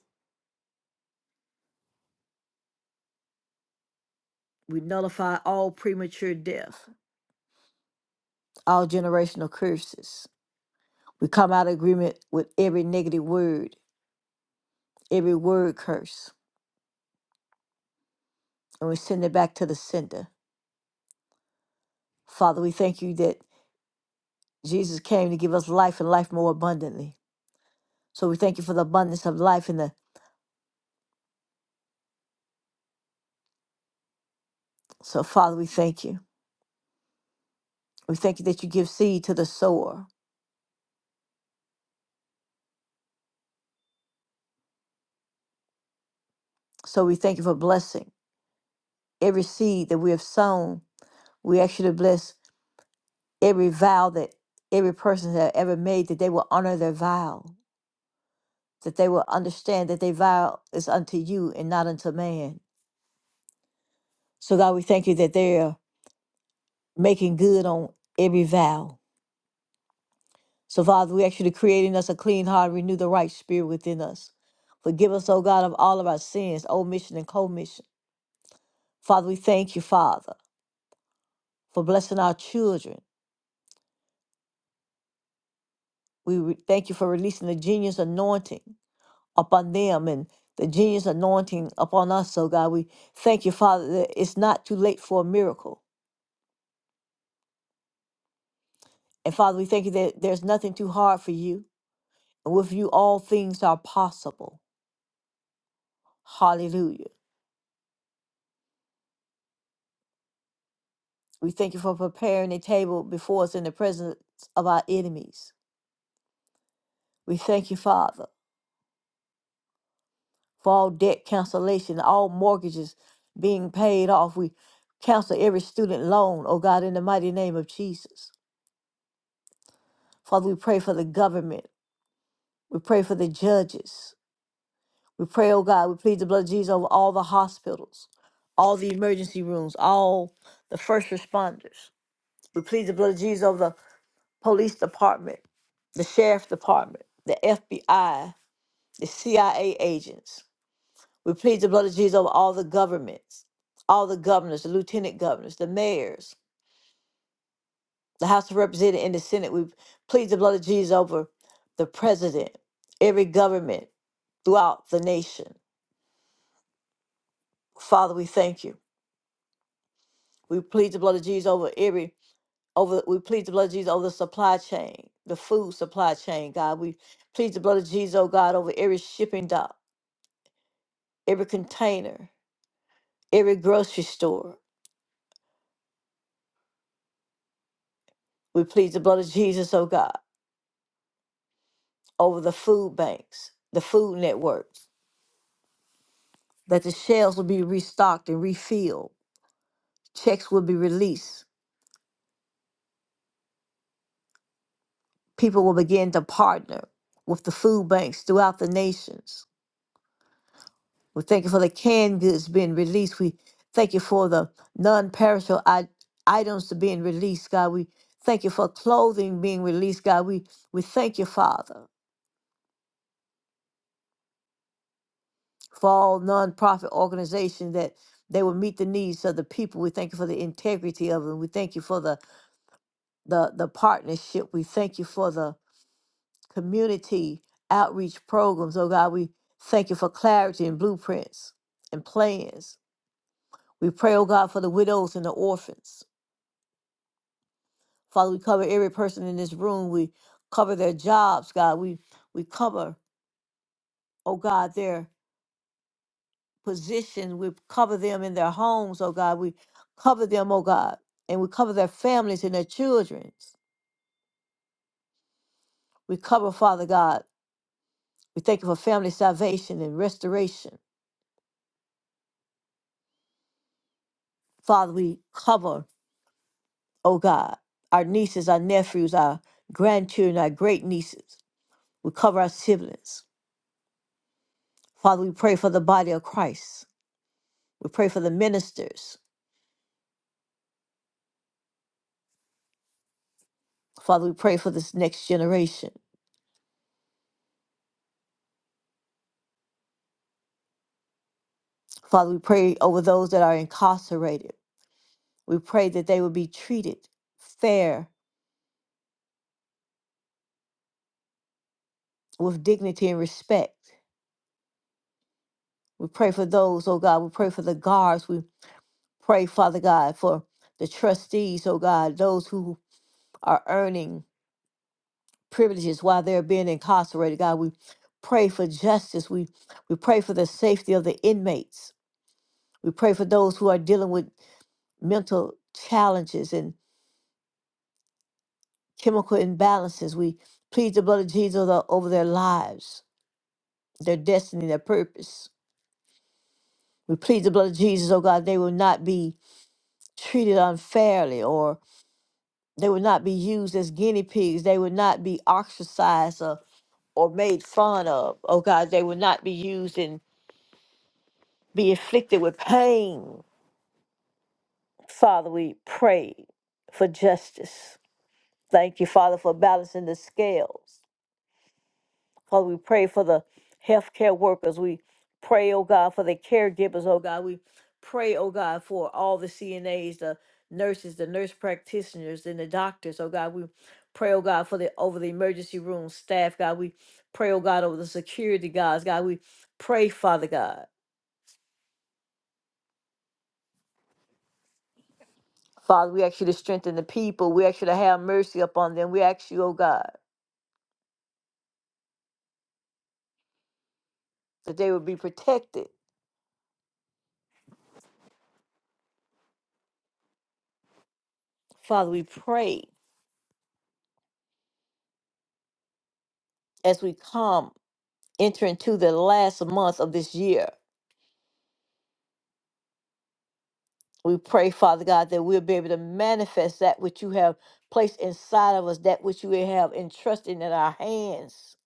[SPEAKER 2] We nullify all premature death, all generational curses. We come out of agreement with every negative word, every word curse, and we send it back to the sender. Father, we thank you that Jesus came to give us life and life more abundantly. So we thank you for the abundance of life and the so Father, we thank you. We thank you that you give seed to the sower. So we thank you for blessing every seed that we have sown. We ask you to bless every vow that every person has ever made, that they will honor their vow, that they will understand that their vow is unto you and not unto man. So God, we thank you that they are making good on every vow. So Father, we ask you to create in us a clean heart, renew the right spirit within us. Forgive us, O God, of all of our sins, omission and commission. Father, we thank you, Father for blessing our children. We re- thank you for releasing the genius anointing upon them and the genius anointing upon us. So, God, we thank you, Father, that it's not too late for a miracle. And, Father, we thank you that there's nothing too hard for you. And with you, all things are possible. Hallelujah. We thank you for preparing a table before us in the presence of our enemies. We thank you, Father, for all debt cancellation, all mortgages being paid off. We cancel every student loan, oh God, in the mighty name of Jesus. Father, we pray for the government. We pray for the judges. We pray, oh God, we plead the blood of Jesus over all the hospitals, all the emergency rooms, all the first responders. We plead the blood of Jesus over the police department, the sheriff department, the FBI, the CIA agents. We plead the blood of Jesus over all the governments, all the governors, the lieutenant governors, the mayors. the House of Representatives and the Senate. We plead the blood of Jesus over the president, every government throughout the nation. Father, we thank you. We plead the blood of Jesus over every over we plead the blood of Jesus over the supply chain, the food supply chain, God. We plead the blood of Jesus, oh God, over every shipping dock, every container, every grocery store. We plead the blood of Jesus, oh God, over the food banks, the food networks, that the shelves will be restocked and refilled Checks will be released. People will begin to partner with the food banks throughout the nations. We thank you for the canned goods being released. We thank you for the non perishable items to being released, God. We thank you for clothing being released, God. We, we thank you, Father, for all nonprofit organizations that they will meet the needs of the people. We thank you for the integrity of them. We thank you for the, the, the partnership. We thank you for the community outreach programs. Oh God, we thank you for clarity and blueprints and plans. We pray, oh God, for the widows and the orphans. Father, we cover every person in this room. We cover their jobs, God. We we cover, oh God, their position. We cover them in their homes, oh God. We cover them, oh God. And we cover their families and their childrens. We cover, Father God. We thank you for family salvation and restoration. Father, we cover oh God, our nieces, our nephews, our grandchildren, our great nieces. We cover our siblings. Father, we pray for the body of Christ. We pray for the ministers. Father, we pray for this next generation. Father, we pray over those that are incarcerated. We pray that they will be treated fair with dignity and respect. We pray for those, oh God. We pray for the guards. We pray, Father God, for the trustees, oh God, those who are earning privileges while they're being incarcerated. God, we pray for justice. We we pray for the safety of the inmates. We pray for those who are dealing with mental challenges and chemical imbalances. We plead the blood of Jesus over over their lives, their destiny, their purpose. We plead the blood of Jesus, oh God, they will not be treated unfairly or they will not be used as guinea pigs. They will not be ostracized or or made fun of. Oh God, they will not be used in be afflicted with pain. Father, we pray for justice. Thank you, Father, for balancing the scales. Father, we pray for the healthcare workers. We pray, oh God, for the caregivers, oh God. We pray, oh God, for all the CNAs, the nurses, the nurse practitioners, and the doctors, oh God. We pray, oh God, for the over the emergency room staff, God. We pray, oh God, over the security guards, God. We pray, Father God. Father, we ask you to strengthen the people. We ask you to have mercy upon them. We ask you, oh God, that they would be protected. Father, we pray as we come, enter into the last month of this year. We pray, Father God, that we'll be able to manifest that which you have placed inside of us, that which you have entrusted in our hands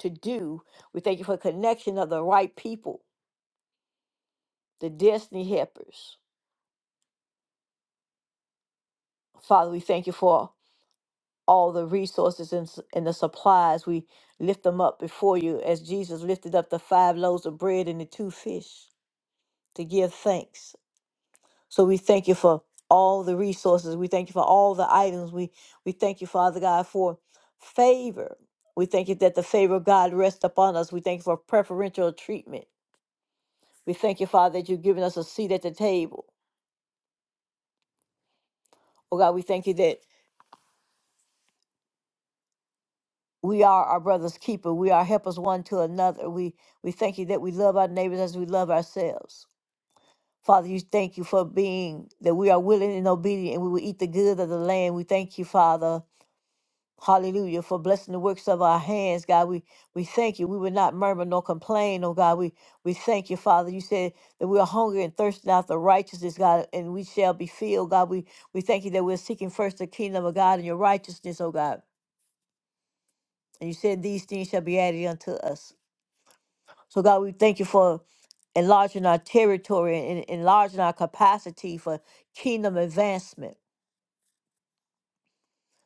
[SPEAKER 2] to do. We thank you for the connection of the right people, the destiny helpers. Father, we thank you for all the resources and, s- and the supplies. We lift them up before you as Jesus lifted up the five loaves of bread and the two fish to give thanks. So we thank you for all the resources. We thank you for all the items. We we thank you, Father God, for favor. We thank you that the favor of God rests upon us. We thank you for preferential treatment. We thank you, Father, that you've given us a seat at the table. Oh God, we thank you that we are our brother's keeper. We are helpers one to another. We we thank you that we love our neighbors as we love ourselves. Father, you thank you for being that we are willing and obedient and we will eat the good of the land. We thank you, Father. Hallelujah. For blessing the works of our hands, God. We we thank you. We will not murmur nor complain, oh God. We we thank you, Father. You said that we are hungry and thirsting after righteousness, God, and we shall be filled, God. We we thank you that we're seeking first the kingdom of God and your righteousness, oh God. And you said these things shall be added unto us. So, God, we thank you for enlarging our territory and enlarging our capacity for kingdom advancement.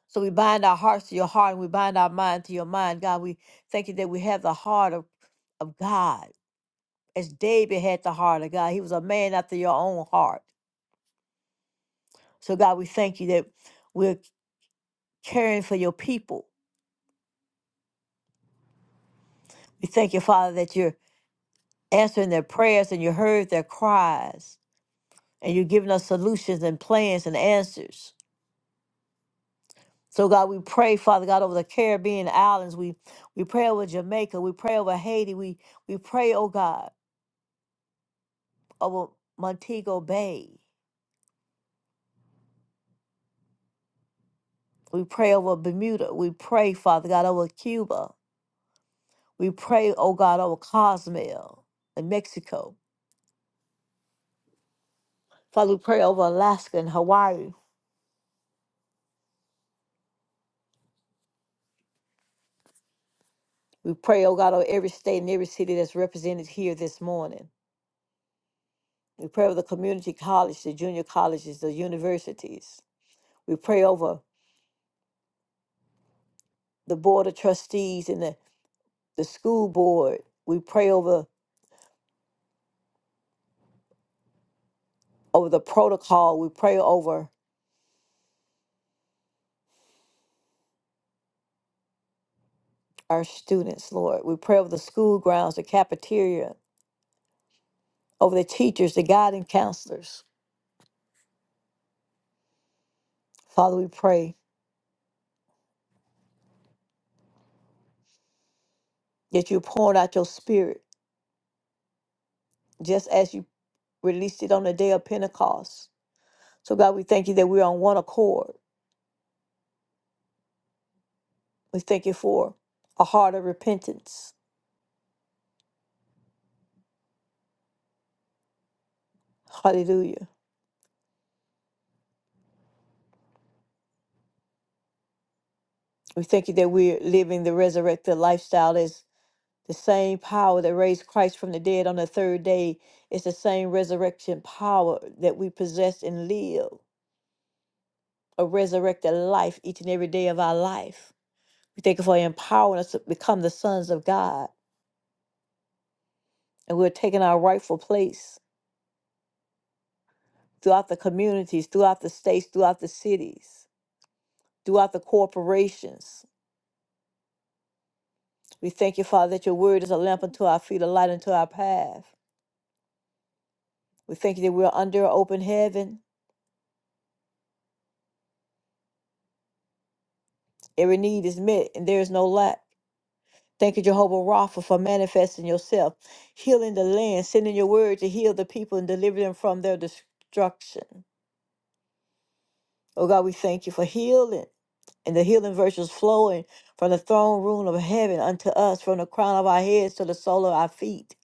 [SPEAKER 2] So, we bind our hearts to your heart and we bind our mind to your mind. God, we thank you that we have the heart of, of God. As David had the heart of God, he was a man after your own heart. So, God, we thank you that we're caring for your people. We thank you, Father, that you're answering their prayers and you heard their cries and you're giving us solutions and plans and answers. So God, we pray, Father God, over the Caribbean islands. We we pray over Jamaica. We pray over Haiti. We we pray, oh God, over Montego Bay. We pray over Bermuda. We pray, Father God, over Cuba. We pray, oh God, over Cozumel and Mexico. Father, we pray over Alaska and Hawaii. We pray, oh God, over every state and every city that's represented here this morning. We pray over the community college, the junior colleges, the universities. We pray over the board of trustees and the the school board. We pray over over the protocol. We pray over our students, Lord. We pray over the school grounds, the cafeteria, over the teachers, the guiding counselors. Father, we pray that you pour out your spirit just as you released it on the day of Pentecost. So God, we thank you that we're on one accord. We thank you for a heart of repentance. Hallelujah. We thank you that we're living the resurrected lifestyle as The same power that raised Christ from the dead on the third day is the same resurrection power that we possess and live a resurrected life each and every day of our life. We thank you for empowering us to become the sons of God, and we're taking our rightful place throughout the communities, throughout the states, throughout the cities, throughout the corporations. We thank you, Father, that your word is a lamp unto our feet, a light unto our path. We thank you that we're under open heaven. Every need is met, and there is no lack. Thank you, Jehovah Rapha, for manifesting yourself, healing the land, sending your word to heal the people and deliver them from their destruction. Oh God, we thank you for healing and the healing virtues flowing from the throne room of heaven unto us, from the crown of our heads to the sole of our feet.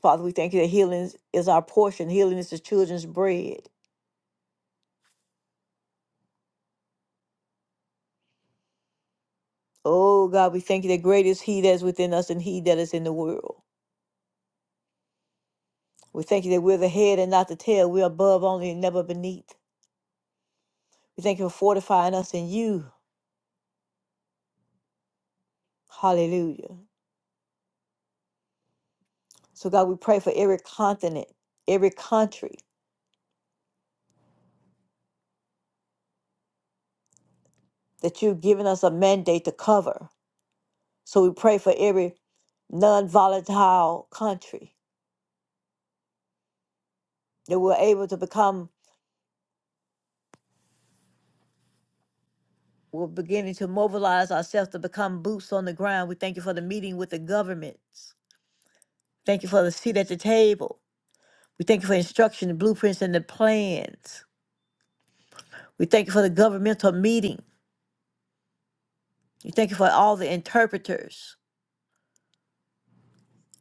[SPEAKER 2] Father, we thank you that healing is is our portion, healing is the children's bread. Oh God, we thank you that great is He that is within us and He that is in the world. We thank you that we're the head and not the tail, we're above only and never beneath. We thank you for fortifying us in you Hallelujah. So, God, we pray for every continent, every country that you've given us a mandate to cover. So, we pray for every non volatile country that we're able to become, we're beginning to mobilize ourselves to become boots on the ground. We thank you for the meeting with the governments. Thank you for the seat at the table. We thank you for instruction, the blueprints, and the plans. We thank you for the governmental meeting. We thank you for all the interpreters,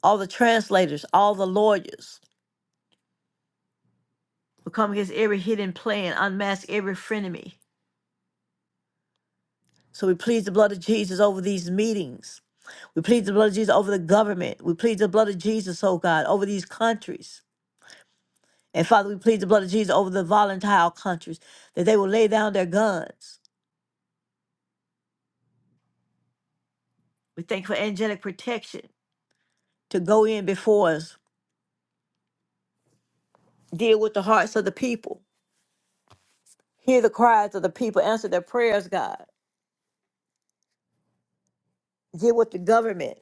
[SPEAKER 2] all the translators, all the lawyers. We come against every hidden plan, unmask every frenemy. So we plead the blood of Jesus over these meetings. We plead the blood of Jesus over the government. We plead the blood of Jesus, oh God, over these countries. And Father, we plead the blood of Jesus over the volatile countries that they will lay down their guns. We thank for angelic protection to go in before us, deal with the hearts of the people, hear the cries of the people, answer their prayers, God. Deal with the government,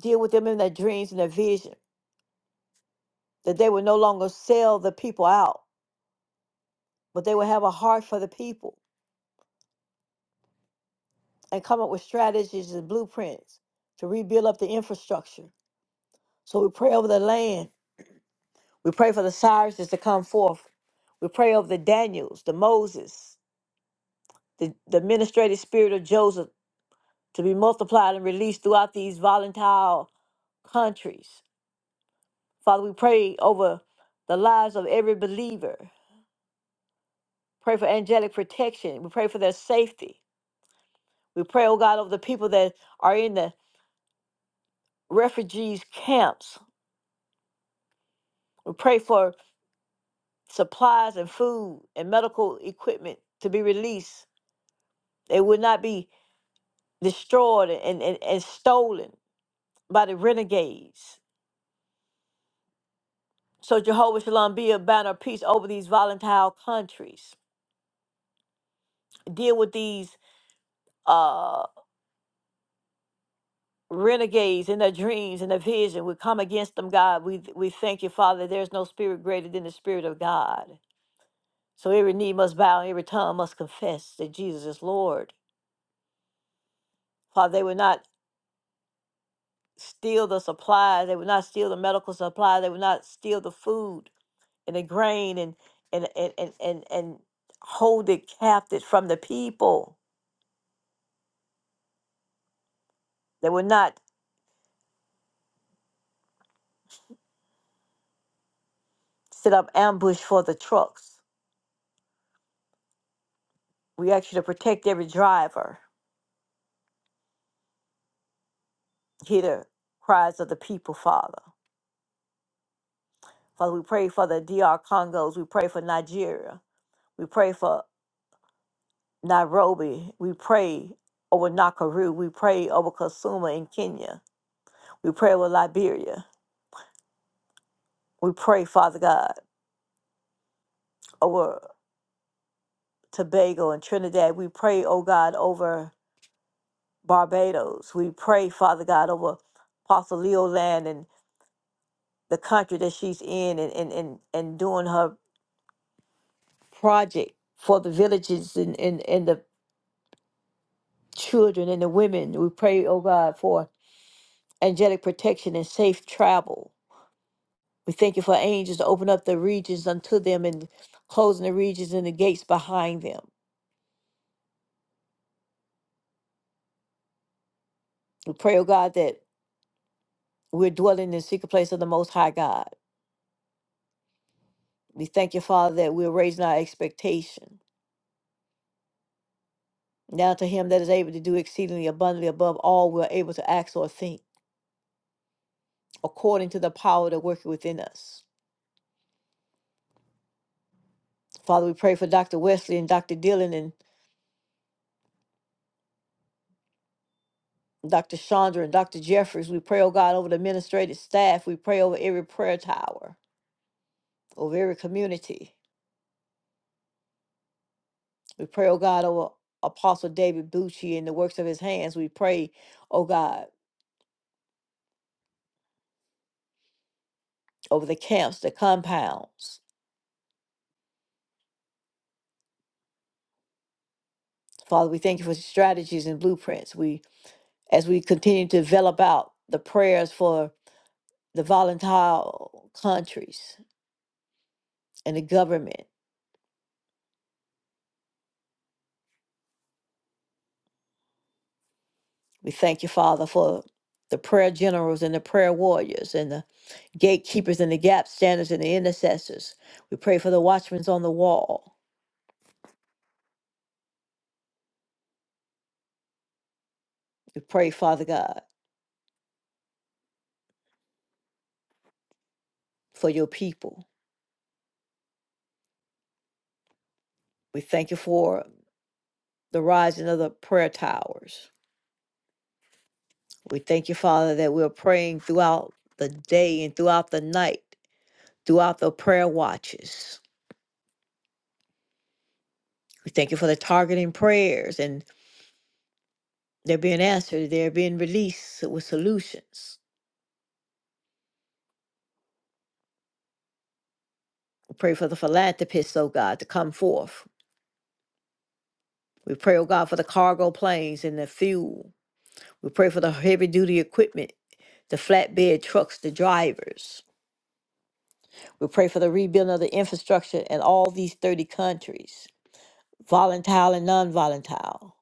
[SPEAKER 2] deal with them in their dreams and their vision, that they will no longer sell the people out but they will have a heart for the people and come up with strategies and blueprints to rebuild up the infrastructure. So we pray over the land. We pray for the Cyruses to come forth. We pray over the Daniels, the Moses, the, the administrative spirit of Joseph to be multiplied and released throughout these volatile countries. Father, we pray over the lives of every believer. Pray for angelic protection. We pray for their safety. We pray, oh God, over the people that are in the refugees camps We pray for supplies and food and medical equipment to be released. They would not be destroyed and, and, and stolen by the renegades. So Jehovah Shalom be a banner of peace over these volatile countries. Deal with these uh, renegades in their dreams and their vision. We come against them, God. We we thank you, Father. that There's no spirit greater than the spirit of God. So every knee must bow, every tongue must confess that Jesus is Lord. Father, they will not steal the supplies. They would not steal the medical supplies. They would not steal the food and the grain and and and and and, and hold it captive from the people. They would not set up ambush for the trucks. We ask you to protect every driver. Hear the cries of the people, Father. Father, we pray for the D R Congos. We pray for Nigeria. We pray for Nairobi. We pray over Nakuru. We pray over Kasuma in Kenya. We pray over Liberia. We pray, Father God, over Tobago and Trinidad. We pray, oh God, over Barbados. We pray, Father God, over Apostle Leo Land and the country that she's in and, and, and, and doing her project for the villages and, and, and the children and the women. We pray, oh God, for angelic protection and safe travel. We thank you for angels to open up the regions unto them and closing the regions and the gates behind them. We pray, oh God, that We're dwelling in the secret place of the Most High God. We thank you, Father, that we're raising our expectation. Now to him that is able to do exceedingly abundantly above all we're able to ask or think, according to the power that worketh within us. Father, we pray for Dr. Wesley and Dr. Dillon and Dr. Chandra and Dr. Jeffries. We pray, oh God, over the administrative staff. We pray over every prayer tower, over every community. We pray, oh God, over Apostle David Bucci and the works of his hands. We pray, oh God, over the camps, the compounds. Father, we thank you for strategies and blueprints. We, as we continue to develop out the prayers for the volatile countries and the government, we thank you, Father, for the prayer generals and the prayer warriors and the gatekeepers and the gap standers and the intercessors. We pray for the watchmen on the wall. We pray, Father God, for your people. We thank you for the rising of the prayer towers. We thank you, Father, that we're praying throughout the day and throughout the night throughout the prayer watches. We thank you for the targeting prayers and they're being answered, they're being released with solutions. We pray for the philanthropists, oh God, to come forth. We pray, oh God, for the cargo planes and the fuel. We pray for the heavy duty equipment, the flatbed trucks, the drivers. We pray for the rebuilding of the infrastructure in all these 30 countries, volatile and non volatile.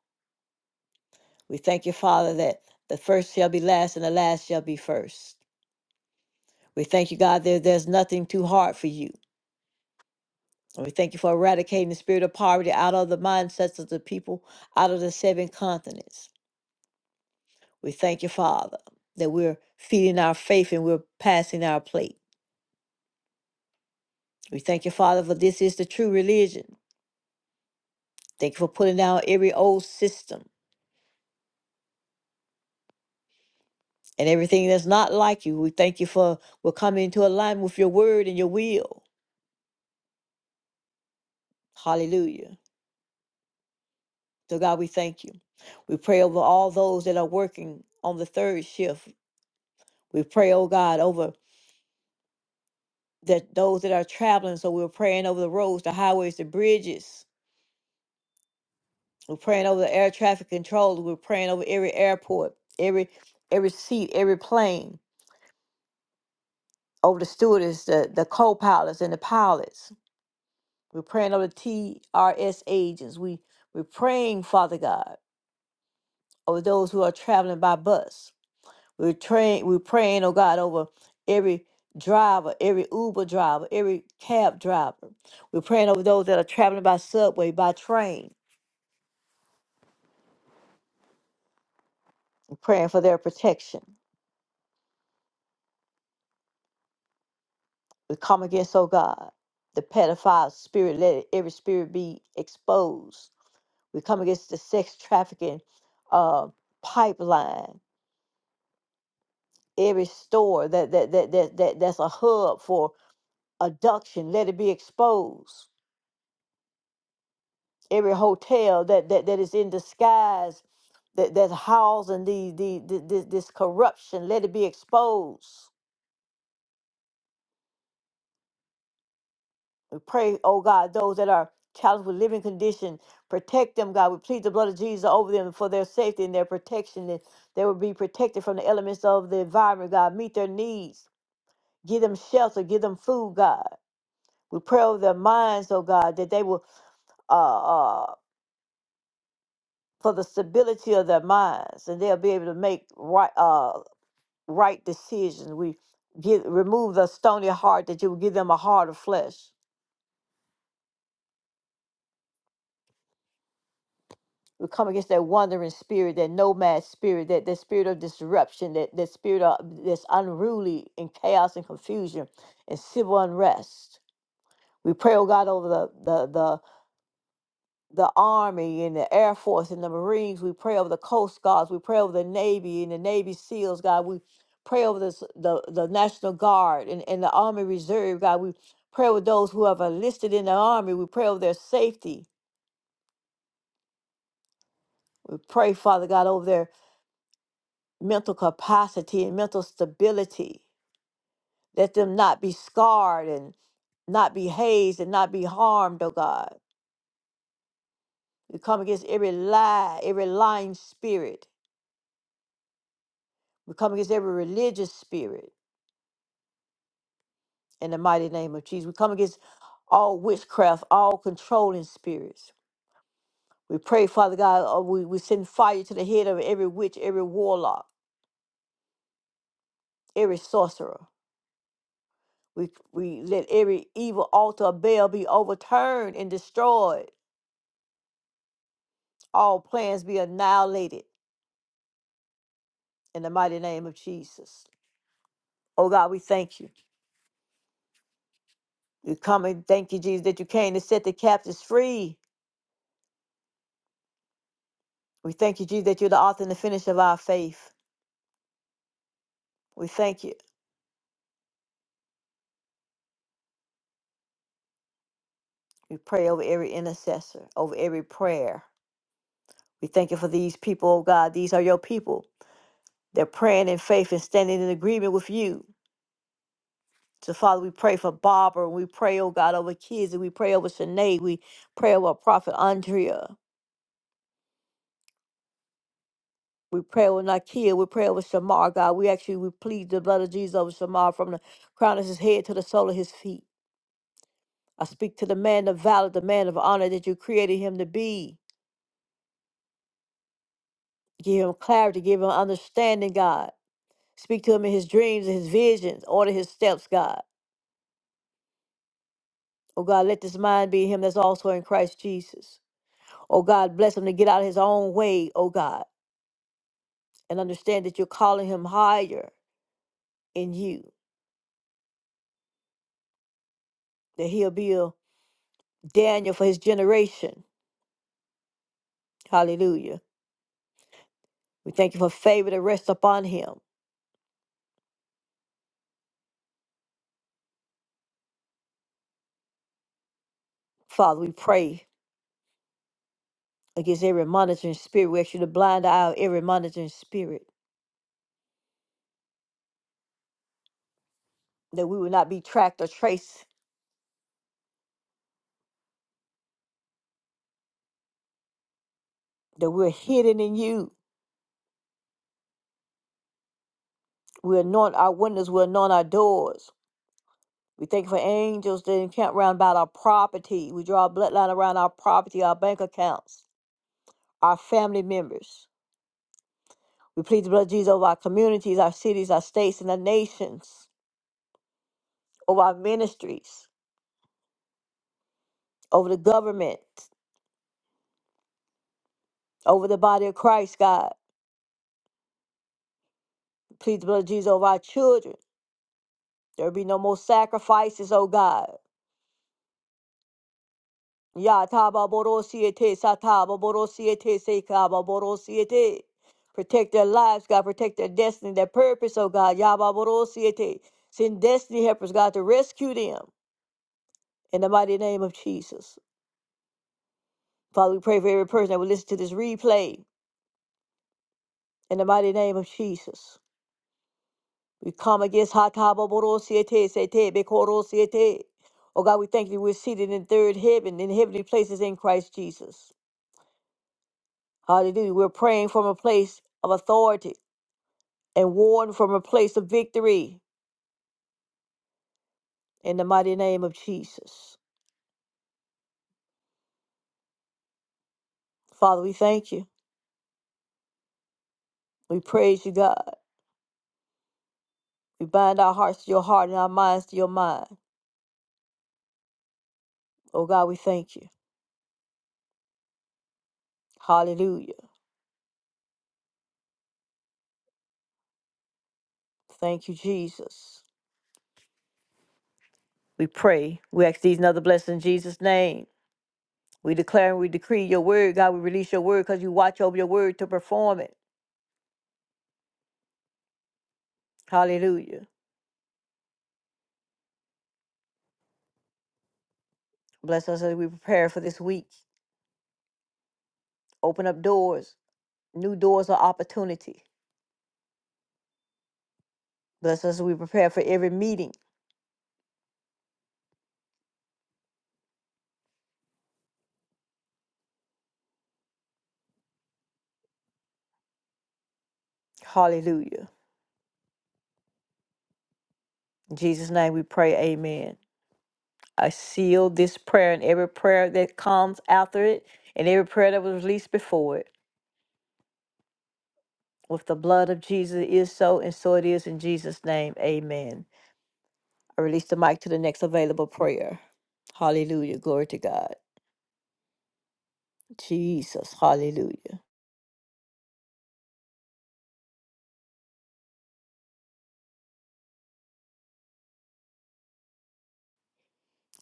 [SPEAKER 2] We thank you, Father, that the first shall be last and the last shall be first. We thank you, God, that there's nothing too hard for you. And we thank you for eradicating the spirit of poverty out of the mindsets of the people, out of the seven continents. We thank you, Father, that we're feeding our faith and we're passing our plate. We thank you, Father, for this is the true religion. Thank you for putting down every old system and everything that's not like you. We thank you for we're coming into alignment with your word and your will. Hallelujah. So, God, we thank you. We pray over all those that are working on the third shift We pray, oh God, over that those that are traveling. So we're praying over the roads, the highways, the bridges. We're praying over the air traffic controllers. We're praying over every airport, every every seat, every plane, over the stewardess, the, the co-pilots and the pilots. We're praying over the TRS agents. We we're praying, Father God, over those who are traveling by bus. We're praying. we're praying, oh God, over every driver, every Uber driver, every cab driver. We're praying over those that are traveling by subway, by train. We're praying for their protection. We come against, oh God, the pedophile spirit. Let it- every spirit be exposed. We come against the sex trafficking uh, pipeline. Every store that, that that that that that's a hub for abduction. Let it be exposed. every hotel that that, that is in disguise that that's housing the the, the this, this corruption let it be exposed we pray oh god those that are challenged with living condition protect them god we plead the blood of jesus over them for their safety and their protection that they will be protected from the elements of the environment god meet their needs give them shelter give them food god we pray over their minds oh god that they will uh uh for the stability of their minds and they'll be able to make right uh, right decisions. We give, remove the stony heart that you will give them a heart of flesh. We come against that wandering spirit, that nomad spirit, that, that spirit of disruption, that, that spirit of that's unruly and chaos and confusion and civil unrest. We pray, oh God, over the, the, the the Army and the Air Force and the Marines. We pray over the Coast Guards. We pray over the Navy and the Navy SEALs, God. We pray over this, the, the National Guard and, and the Army Reserve, God. We pray with those who have enlisted in the Army. We pray over their safety. We pray, Father God, over their mental capacity and mental stability. Let them not be scarred and not be hazed and not be harmed, oh God. We come against every lie, every lying spirit. We come against every religious spirit. in the mighty name of Jesus. We come against all witchcraft, all controlling spirits. We pray, Father God, uh, we, we send fire to the head of every witch, every warlock, every sorcerer. We, we let every evil altar of Baal be overturned and destroyed. All plans be annihilated in the mighty name of Jesus. Oh God, we thank you. We come and thank you, Jesus, that you came to set the captives free. We thank you, Jesus, that you're the author and the finish of our faith. We thank you We pray over every intercessor, over every prayer. We thank you for these people, oh God. These are your people. They're praying in faith and standing in agreement with you. So, Father, we pray for Barbara. We pray, oh God, over kids. And we pray over Sinead. We pray over Prophet Andrea. We pray over Nakia. We pray over Shamar, God. We actually we plead the blood of Jesus over Shamar from the crown of his head to the sole of his feet. I speak to the man of valor, the man of honor that you created him to be. Give him clarity, give him understanding, God. Speak to him in his dreams and his visions. Order his steps, God. Oh God, let this mind be in him that's also in Christ Jesus. Oh God, bless him to get out of his own way, oh God, and understand that you're calling him higher in you, that he'll be a Daniel for his generation. Hallelujah. We thank you for favor to rest upon him. Father, we pray against every monitoring spirit. We ask you to blind the eye of every monitoring spirit, that we will not be tracked or traced, that we're hidden in you We anoint our windows, we anoint our doors. We thank you for angels that encamp round about our property. We draw a bloodline around our property, our bank accounts, our family members. We plead the blood of Jesus over our communities, our cities, our states, and our nations, over our ministries, over the government, over the body of Christ, God. Plead the blood of Jesus over our children. There will be no more sacrifices, oh God. Ya taba borosiete sataba borosiete sekaba borosiete. Protect their lives, God. Protect their destiny, their purpose, oh God. Yaba borosiete. Send destiny helpers, God, to rescue them in the mighty name of Jesus. Father, we pray for every person that will listen to this replay in the mighty name of Jesus. We come against hataba borosiete sete bekorosiete. Oh God, we thank you. We're seated in third heaven, in heavenly places in Christ Jesus. Hallelujah. We're praying from a place of authority and warn from a place of victory in the mighty name of Jesus. Father, we thank you. We praise you, God. We bind our hearts to your heart and our minds to your mind. Oh, God, we thank you. Hallelujah. Thank you, Jesus. We pray. We ask these and other blessings in Jesus' name. We declare and we decree your word. God, we release your word because you watch over your word to perform it. Hallelujah. Bless us as we prepare for this week. Open up doors, new doors of opportunity. Bless us as we prepare for every meeting. Hallelujah. In Jesus' name we pray, amen. I seal this prayer and every prayer that comes after it and every prayer that was released before it with the blood of Jesus. It is so, and so it is in Jesus' name, amen. I release the mic to the next available prayer. Hallelujah. Glory to God. Jesus. Hallelujah.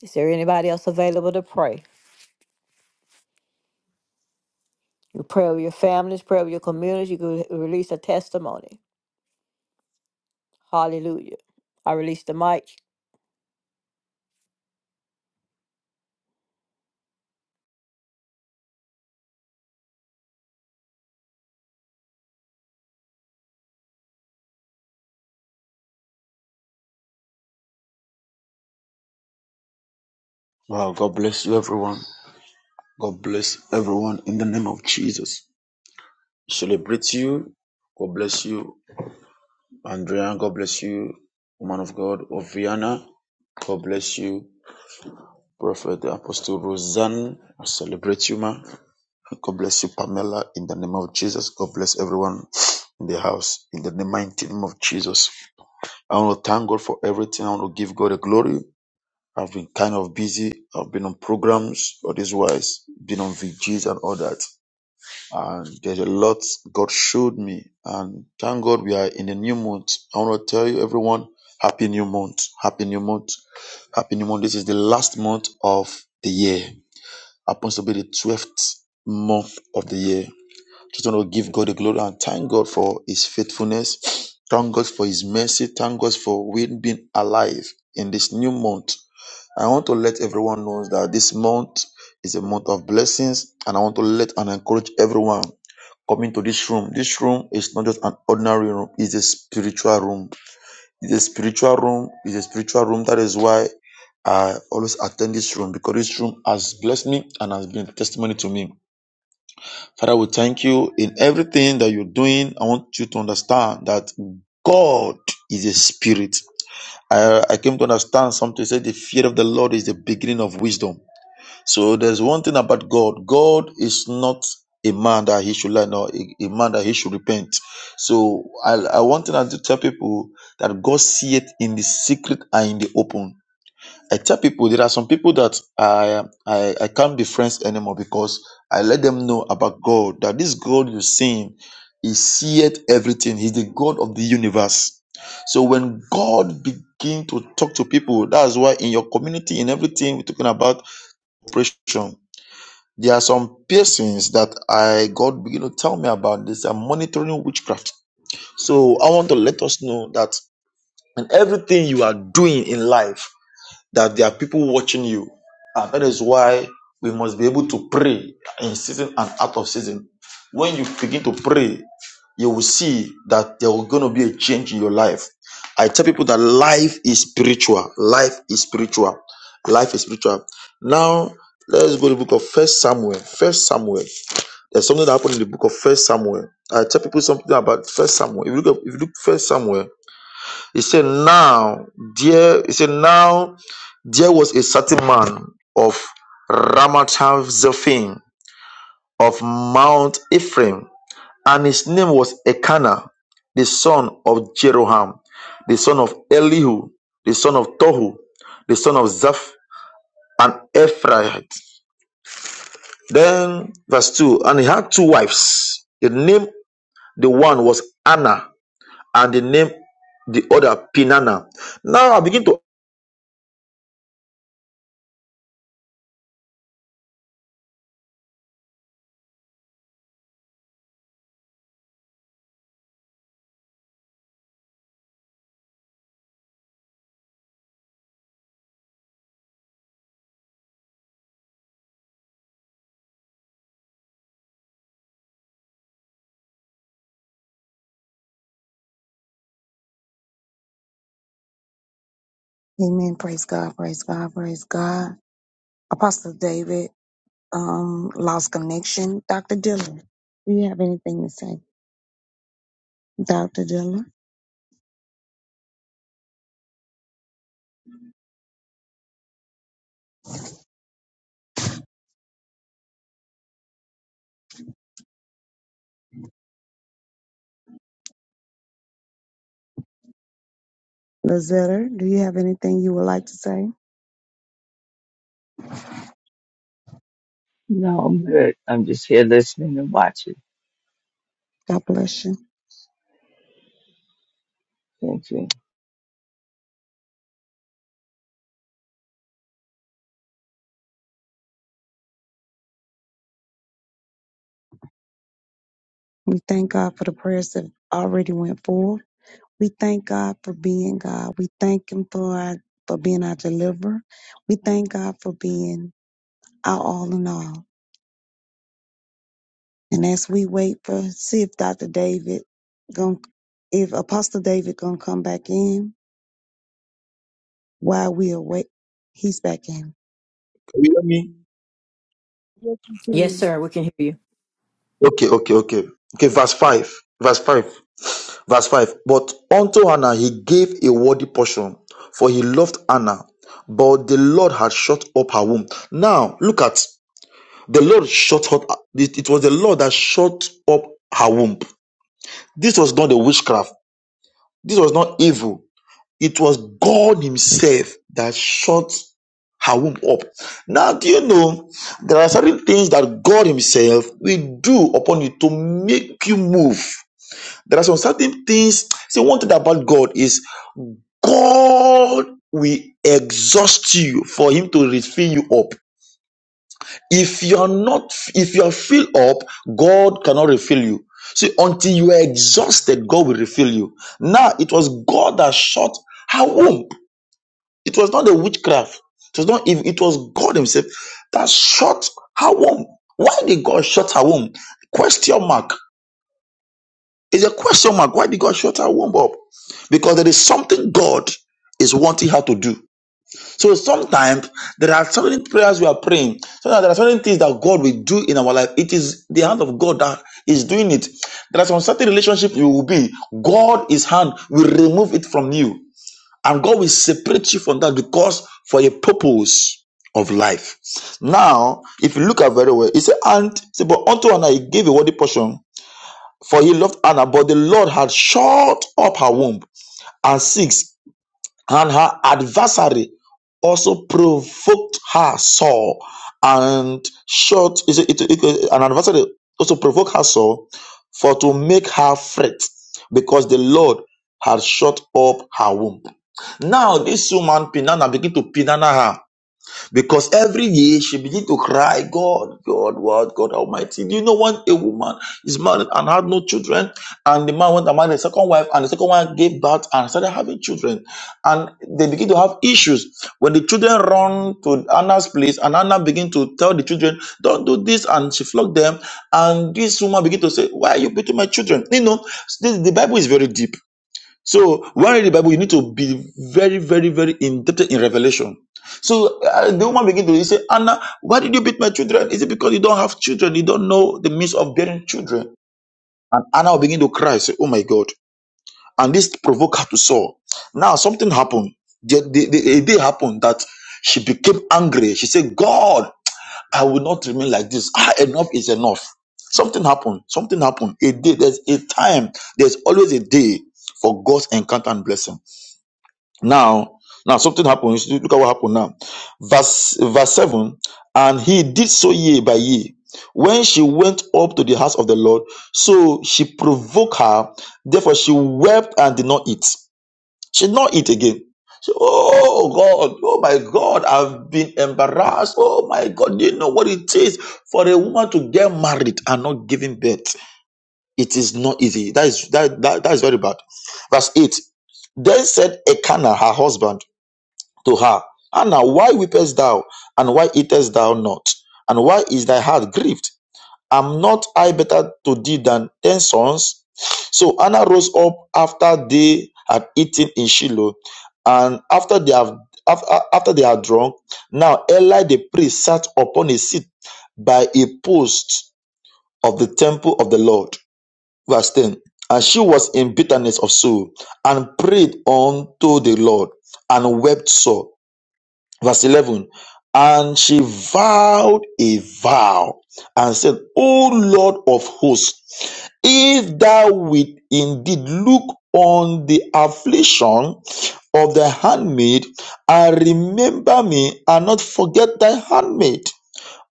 [SPEAKER 2] Is there anybody else available to pray? You pray with your families, pray with your communities. You can release a testimony. Hallelujah. I release the mic.
[SPEAKER 3] Wow, God bless you, everyone. God bless everyone in the name of Jesus. Celebrate you. God bless you, Andrea. God bless you, woman of God, Oviana. God bless you, Prophet Apostle Roseanne. I celebrate you, ma. God bless you, Pamela, in the name of Jesus. God bless everyone in the house, in the mighty name of Jesus. I want to thank God for everything. I want to give God the glory. I've been kind of busy. I've been on programs, all this wise, been on VGs and all that. and there's a lot God showed me. And thank God we are in a new month. I want to tell you, everyone, happy new month. Happy new month. Happy new month. This is the last month of the year. Happens to be the 12th month of the year. Just want to give God the glory and thank God for His faithfulness. Thank God for His mercy. Thank God for we being alive in this new month. I want to let everyone know that this month is a month of blessings, and I want to let and encourage everyone coming to this room. This room is not just an ordinary room, it's a spiritual room. It's a spiritual room, it's a spiritual room. That is why I always attend this room because this room has blessed me and has been a testimony to me. Father, we thank you in everything that you're doing. I want you to understand that God is a spirit. I, I came to understand something. Say the fear of the Lord is the beginning of wisdom. So there's one thing about God. God is not a man that he should lie, nor a, a man that he should repent. So I, I want to, to tell people that God see it in the secret and in the open. I tell people there are some people that I, I I can't be friends anymore because I let them know about God that this God you're seeing, He seeth everything. He's the God of the universe. So when God begin to talk to people, that's why in your community, in everything we're talking about, operation. There are some persons that I God begin to tell me about this. I'm monitoring witchcraft. So I want to let us know that in everything you are doing in life, that there are people watching you. And that is why we must be able to pray in season and out of season. When you begin to pray, you will see that there will going to be a change in your life. I tell people that life is spiritual. Life is spiritual. Life is spiritual. Now let's go to the book of First Samuel. First Samuel. There's something that happened in the book of First Samuel. I tell people something about First Samuel. If you look, at, if you look First Samuel, it said now there, it said now there was a certain man of Ramathaim Zophim of Mount Ephraim, and his name was Elkanah, the son of Jeroham, the son of Elihu, the son of Tohu, the son of Zaph, and Ephraite. Then verse two, and he had two wives. The name The one was Anna, and the name the other Pinana. Now I begin to
[SPEAKER 1] Amen. Praise God. Praise God. Praise God. Apostle David, um, lost connection. Dr. Dillon, do you have anything to say? Dr. Dillon,
[SPEAKER 4] No, I'm good. I'm just here listening and watching. Thank you.
[SPEAKER 1] we thank God for the prayers that already went forth. We thank God for being God. We thank Him for our, for being our deliverer. We thank God for being our all in all. And as we wait for see if Dr. David going if Apostle David gonna come back in while we await, he's back in.
[SPEAKER 3] you me.
[SPEAKER 1] Yes, he
[SPEAKER 2] Yes,
[SPEAKER 1] is.
[SPEAKER 2] sir. We can hear you.
[SPEAKER 3] Okay, okay, okay. Okay, verse 5. Verse 5. Verse 5. But unto Anna he gave a worthy portion, for he loved Anna, but the Lord had shut up her womb. Now look at the Lord shut up it, it was the Lord that shut up her womb. This was not a witchcraft, this was not evil. It was God Himself that shut her womb up. Now, do you know there are certain things that God Himself will do upon you to make you move? There are some certain things. See, one thing about God is God will exhaust you for Him to refill you up. If you are not, if you are filled up, God cannot refill you. See, until you are exhausted, God will refill you. Now, it was God that shut her womb it was not a witchcraft. It was not evil. It was God Himself that shut her womb. Why did God shut her womb? Question mark. It's a question mark. Why did God shut her womb up? Because there is something God is wanting her to do. So sometimes there are certain prayers we are praying. Sometimes there are certain things that God will do in our life. It is the hand of God that is doing it. There are some certain relationship you will be. God, His hand will remove it from you. And God will separate you from that because for a purpose of life. Now, if you look at very well, it said, and it said, but unto Anna he gave a worthy portion, for he loved Anna, but the Lord had shut up her womb. And six and her adversary also provoked her sore and short it, it, it- it- uh, an adversary also provoked her sore for to make her fret because the lord had shut up her womb now this woman pinana begin to pinana because every year she began to cry, God, God, what, God Almighty. Do you know when a woman is married and had no children? And the man went and married a second wife, and the second wife gave birth and started having children. And they begin to have issues. When the children run to Anna's place, and Anna begin to tell the children, Don't do this, and she flogged them. And this woman begin to say, Why are you beating my children? You know, the the Bible is very deep so when you read the Bible, you need to be very, very, very indebted in revelation. So uh, the woman begin to say, Anna, why did you beat my children? Is it because you don't have children? You don't know the means of bearing children? And Anna will begin to cry, say, Oh my God. And this provoked her to Saul. Now something happened. The, the, the- a day happened that she became angry. She said, God, I will not remain like this. Ah, enough is enough. Something happened. Something happened. A day. There's a time. There's always a day for God's encounter and blessing. Now, now something happens. Look at what happened now. Verse verse 7. And he did so year by year. When she went up to the house of the Lord, so she provoked her. Therefore, she wept and did not eat. She did not eat again. So, oh God, oh my God, I've been embarrassed. Oh my God, do you know what it is for a woman to get married and not giving birth? It is not easy. That is that that, that is very bad. Verse 8. Then said Ekana, her husband to her, Anna, why weepest thou? And why eatest thou not? And why is thy heart grieved? Am not I better to thee than ten sons? So Anna rose up after they had eaten in Shiloh, and after they have after, after they had drunk. Now Eli the priest sat upon a seat by a post of the temple of the Lord. Verse 10. And she was in bitterness of soul, and prayed unto the Lord, and wept sore verse 11 and she vowed a vow and said o lord of hosts if thou wilt indeed look on the affliction of thy handmaid and remember me and not forget thy handmaid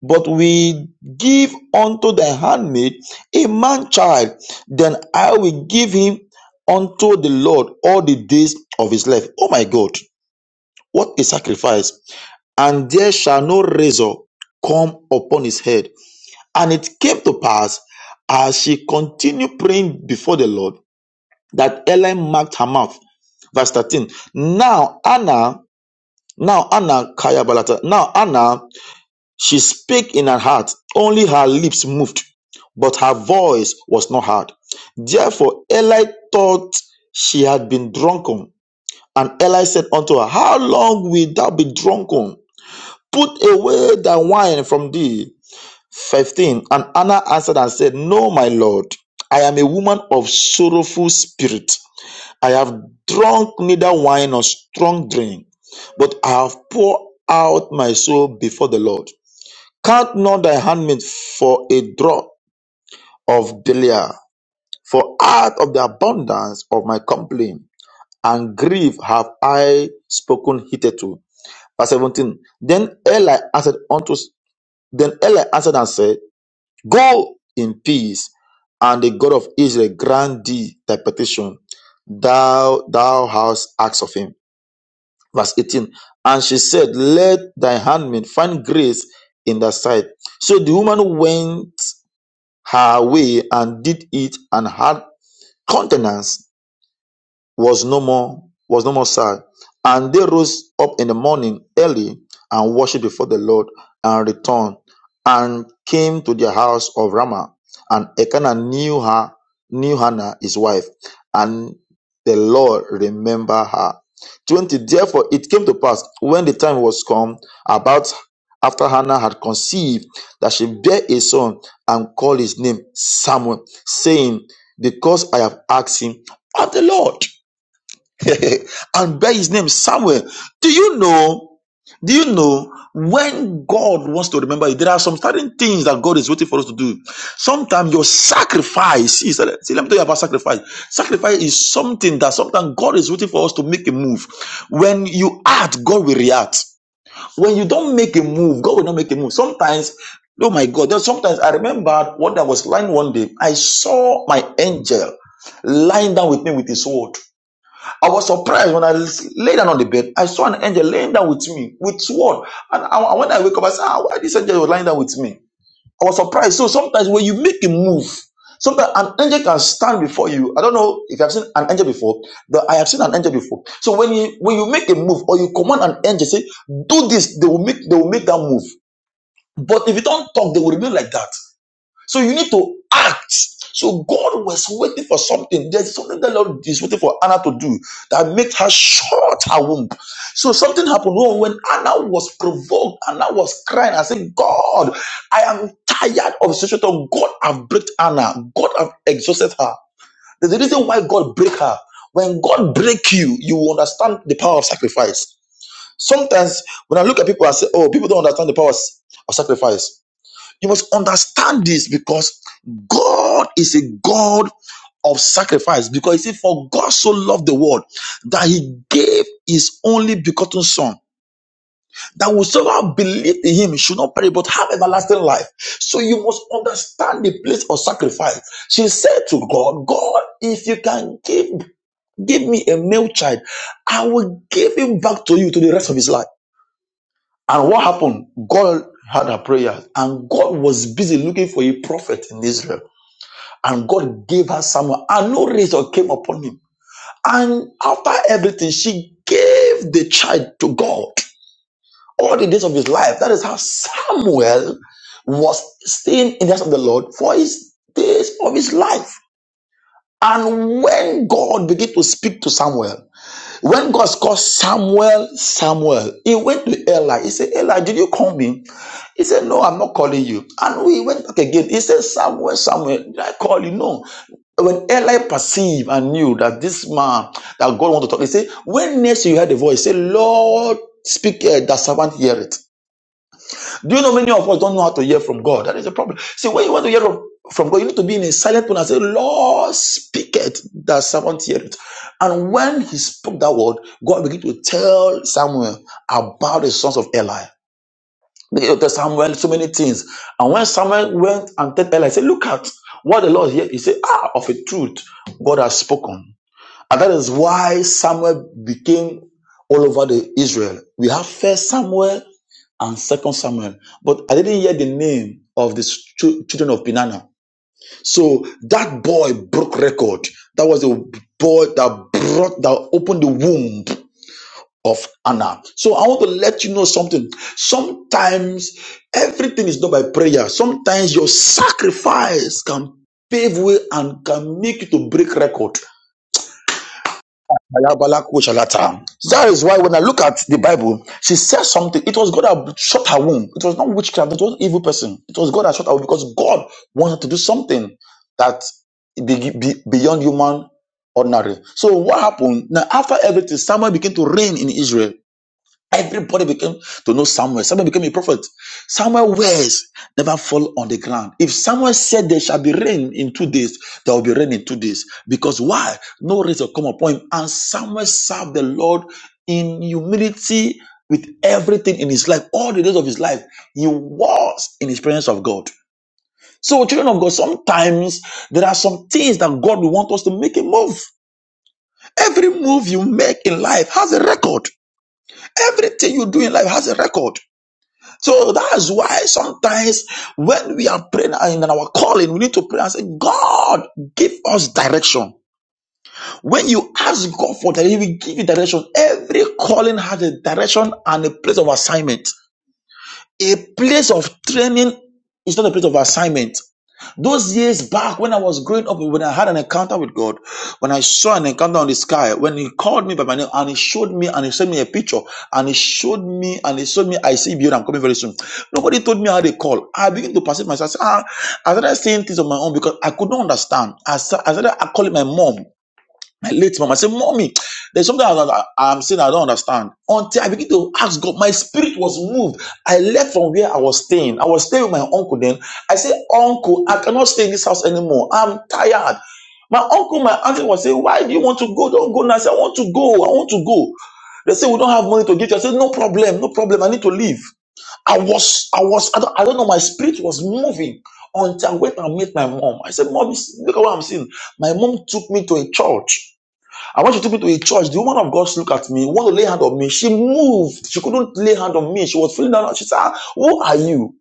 [SPEAKER 3] but we give unto thy handmaid a man child then i will give him unto the lord all the days of his life oh my god what a sacrifice! and there shall no razor come upon his head. And it came to pass as she continued praying before the Lord that Eli marked her mouth. Verse 13. Now Anna, now Anna Kayabalata, now Anna, she spake in her heart, only her lips moved, but her voice was not heard. Therefore Eli thought she had been drunken. And Eli said unto her, How long wilt thou be drunken? Put away the wine from thee. 15. And Anna answered and said, No, my Lord, I am a woman of sorrowful spirit. I have drunk neither wine nor strong drink, but I have poured out my soul before the Lord. Count not thy handmaid for a drop of Belial, for out of the abundance of my complaint and grief have I spoken hitherto. Verse 17. Then Eli answered unto Then Eli answered and said, Go in peace, and the God of Israel grant thee thy petition thou thou hast asked of him. Verse 18. And she said, Let thy handmaid find grace in thy sight. So the woman went her way and did it and had countenance was no more was no more sad. And they rose up in the morning early and worshipped before the Lord and returned and came to the house of Ramah. And Elkanah knew her, knew Hannah his wife, and the Lord remembered her. Twenty. Therefore, it came to pass when the time was come about after Hannah had conceived that she bare a son and called his name Samuel, saying, "Because I have asked him of the Lord." and bear his name somewhere. Do you know? Do you know when God wants to remember you? There are some certain things that God is waiting for us to do. Sometimes your sacrifice is see, let me tell you about sacrifice. Sacrifice is something that sometimes God is waiting for us to make a move. When you act, God will react. When you don't make a move, God will not make a move. Sometimes, oh my God, there's sometimes I remember when I was lying one day, I saw my angel lying down with me with his sword. I was surprised when I lay down on the bed. I saw an angel laying down with me, with sword. And I, when I wake up, I said, ah, why this angel was lying down with me? I was surprised. So sometimes when you make a move, sometimes an angel can stand before you. I don't know if you have seen an angel before, but I have seen an angel before. So when you when you make a move or you command an angel, say, do this, they will make they will make that move. But if you don't talk, they will remain like that. So you need to act. So God was waiting for something. There's something the Lord is waiting for Anna to do that makes her short her womb. So something happened Oh, when Anna was provoked. Anna was crying. I said, God, I am tired of the situation. God have breaked Anna. God have exhausted her. There's a reason why God break her. When God break you, you will understand the power of sacrifice. Sometimes when I look at people, I say, oh, people don't understand the power of sacrifice you must understand this because God is a God of sacrifice. Because he said, For God so loved the world that he gave his only begotten son. That whosoever believe in him should not perish but have everlasting life. So you must understand the place of sacrifice. She said to God, God, if you can give give me a male child, I will give him back to you to the rest of his life. And what happened? God had her prayers, and God was busy looking for a prophet in Israel. And God gave her Samuel, and no razor came upon him. And after everything, she gave the child to God all the days of his life. That is how Samuel was staying in the house of the Lord for his days of his life. And when God began to speak to Samuel, when God called Samuel, Samuel, he went to Eli. He said, Eli, did you call me? He said, No, I'm not calling you. And we went back again. He said, Samuel, Samuel, did I call you? No. When Eli perceived and knew that this man that God wanted to talk, he said, When next you heard the voice, he said, Lord, speak, uh, that servant hear it. Do you know many of us don't know how to hear from God? That is a problem. See, when you want to hear from God, you need to be in a silent tone and say, Lord, speak it, that servant hear it. And when he spoke that word, God began to tell Samuel about the sons of Eli. He Began to tell Samuel so many things. And when Samuel went and told Eli, he said, Look at what the Lord here. He said, Ah, of a truth, God has spoken. And that is why Samuel became all over the Israel. We have first Samuel and second Samuel. But I didn't hear the name of the stu- children of Benana. So that boy broke record. That was the boy that brought that opened the womb of Anna. So I want to let you know something. Sometimes everything is done by prayer. Sometimes your sacrifice can pave way and can make you to break record. That is why when I look at the Bible, she said something. It was God that shut her womb. It was not witchcraft. It was not evil person. It was God that shut her womb because God wanted to do something that be, be beyond human ordinary. So what happened? Now after everything, Samuel began to reign in Israel. Everybody became to know Samuel. Samuel became a prophet. Samuel words never fall on the ground. If Samuel said there shall be rain in two days, there will be rain in two days. Because why? No rain will come upon him. And Samuel served the Lord in humility with everything in his life. All the days of his life, he was in his presence of God. So, children of God, sometimes there are some things that God will want us to make a move. Every move you make in life has a record. Everything you do in life has a record. So that's why sometimes when we are praying in our calling, we need to pray and say, God, give us direction. When you ask God for that, He will give you direction. Every calling has a direction and a place of assignment. A place of training is not a place of assignment. Those years back when I was growing up, when I had an encounter with God, when I saw an encounter on the sky, when He called me by my name and He showed me and He sent me a picture and He showed me and He showed me, I see you, I'm coming very soon. Nobody told me how they call. I began to perceive myself. I, "Ah," started saying things on my own because I could not understand. I sa- I started calling my mom my late mom. I said, Mommy, there's something I, I, I'm saying I don't understand. Until I begin to ask God, my spirit was moved. I left from where I was staying. I was staying with my uncle then. I said, Uncle, I cannot stay in this house anymore. I'm tired. My uncle, my auntie was saying, Why do you want to go? Don't go now. I said, I want to go. I want to go. They said, we don't have money to give you. I said, No problem, no problem. I need to leave. I was, I was, I don't, I don't know. My spirit was moving until I went and met my mom. I said, Mom, look at what I'm seeing. My mom took me to a church and when she took me to a church, the woman of God looked at me, wanted to lay hand on me. She moved. She couldn't lay hand on me. She was feeling down. She said, "Ah, Who are you?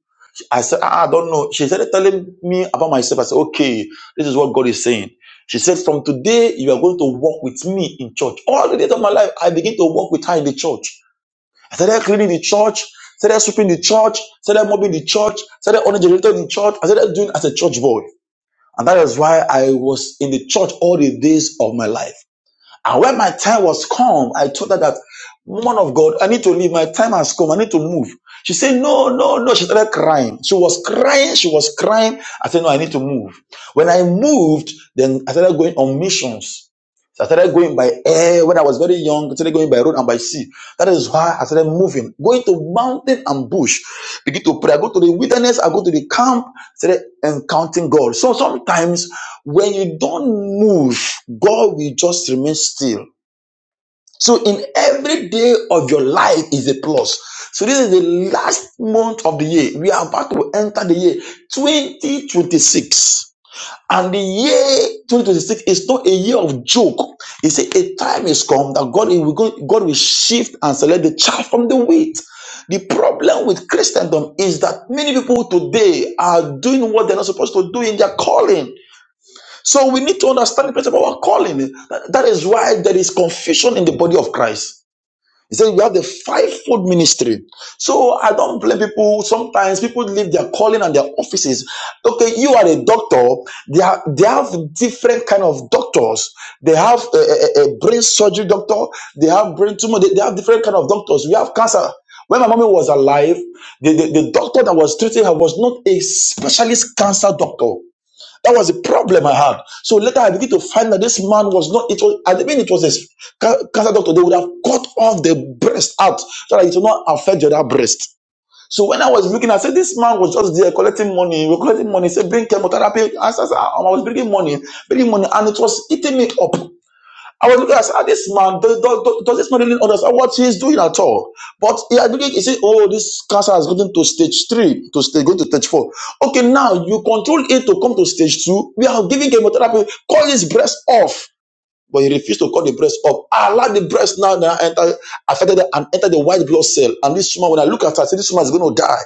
[SPEAKER 3] I said, ah, I don't know. She started telling me about myself. I said, Okay, this is what God is saying. She said, From today, you are going to walk with me in church. All the days of my life, I began to walk with her in the church. I started cleaning the church, started sweeping the church, started mopping the church, started on the generator in church. I started doing as a church boy. And that is why I was in the church all the days of my life. And when my time was come, I told her that, woman of God, I need to leave. My time has come. I need to move. She said, no, no, no. She started crying. She was crying. She was crying. I said, no, I need to move. When I moved, then I started going on missions. So I started going by air when I was very young. I started going by road and by sea. That is why I started moving, going to mountain and bush. Begin to pray. I go to the wilderness. I go to the camp. Started encountering God. So sometimes when you don't move, God will just remain still. So in every day of your life is a plus. So this is the last month of the year. We are about to enter the year 2026. And the year 2026 is not a year of joke. He said, A time is come that God will, go, God will shift and select the chaff from the wheat. The problem with Christendom is that many people today are doing what they're not supposed to do in their calling. So we need to understand the place of our calling. That that is why there is confusion in the body of Christ. He said we have the fivefold ministry. So I don't blame people. Sometimes people leave their calling and their offices. Okay, you are a doctor. They have, they have different kind of doctors. They have a, a, a brain surgery doctor. They have brain tumor. They, they have different kind of doctors. We have cancer. When my mommy was alive, the, the, the doctor that was treating her was not a specialist cancer doctor. That was the problem I had. So later I begin to find that this man was not, it was, I mean, it was a cancer doctor. They would have cut off the breast out so that it will not affect the other breast. So when I was looking, I said, this man was just there collecting money. We We're collecting money. He said, bring chemotherapy. I said, I was bringing money, bringing money. And it was eating me up. I was looking at "Ah, this man, does, does, does does this man really understand what he's doing at all? But he had beginning, he said, oh, this cancer has gotten to stage three, to stage, going to stage four. Okay, now you control it to come to stage two. We are giving chemotherapy. Call his breast off. But he refused to call the breast off. I allow the breast now, now enter, affected and enter the white blood cell. And this woman, when I look at her, I say, this woman is going to die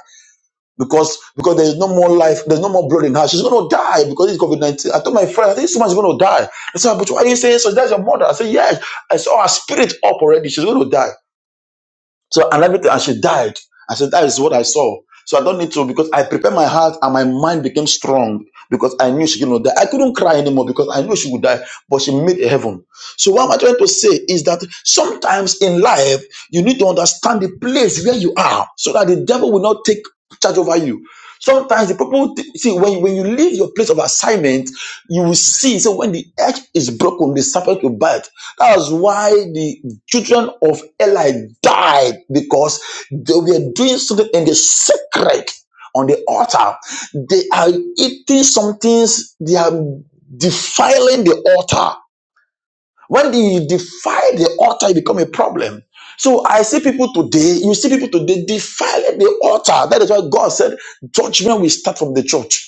[SPEAKER 3] because because there's no more life, there's no more blood in her. She's gonna die because it's COVID nineteen. I told my friend, I think someone's gonna die. I said, but why are you saying so? That's your mother. I said, yes, I saw her spirit up already. She's gonna die. So and everything, and she died. I said, That is what I saw. So I don't need to because I prepared my heart and my mind became strong because I knew she could not die. I couldn't cry anymore because I knew she would die, but she made a heaven. So what am I trying to say is that sometimes in life you need to understand the place where you are so that the devil will not take charge over you. Sometimes the people see when, when you leave your place of assignment, you will see so when the edge is broken the serpent will bite that's why the children of eli died because they were doing something in the secret on the altar they are eating some things they are defiling the altar when you defile the altar it become a problem so i see people today you see people today defiling the altar that is why god said judgment will start from the church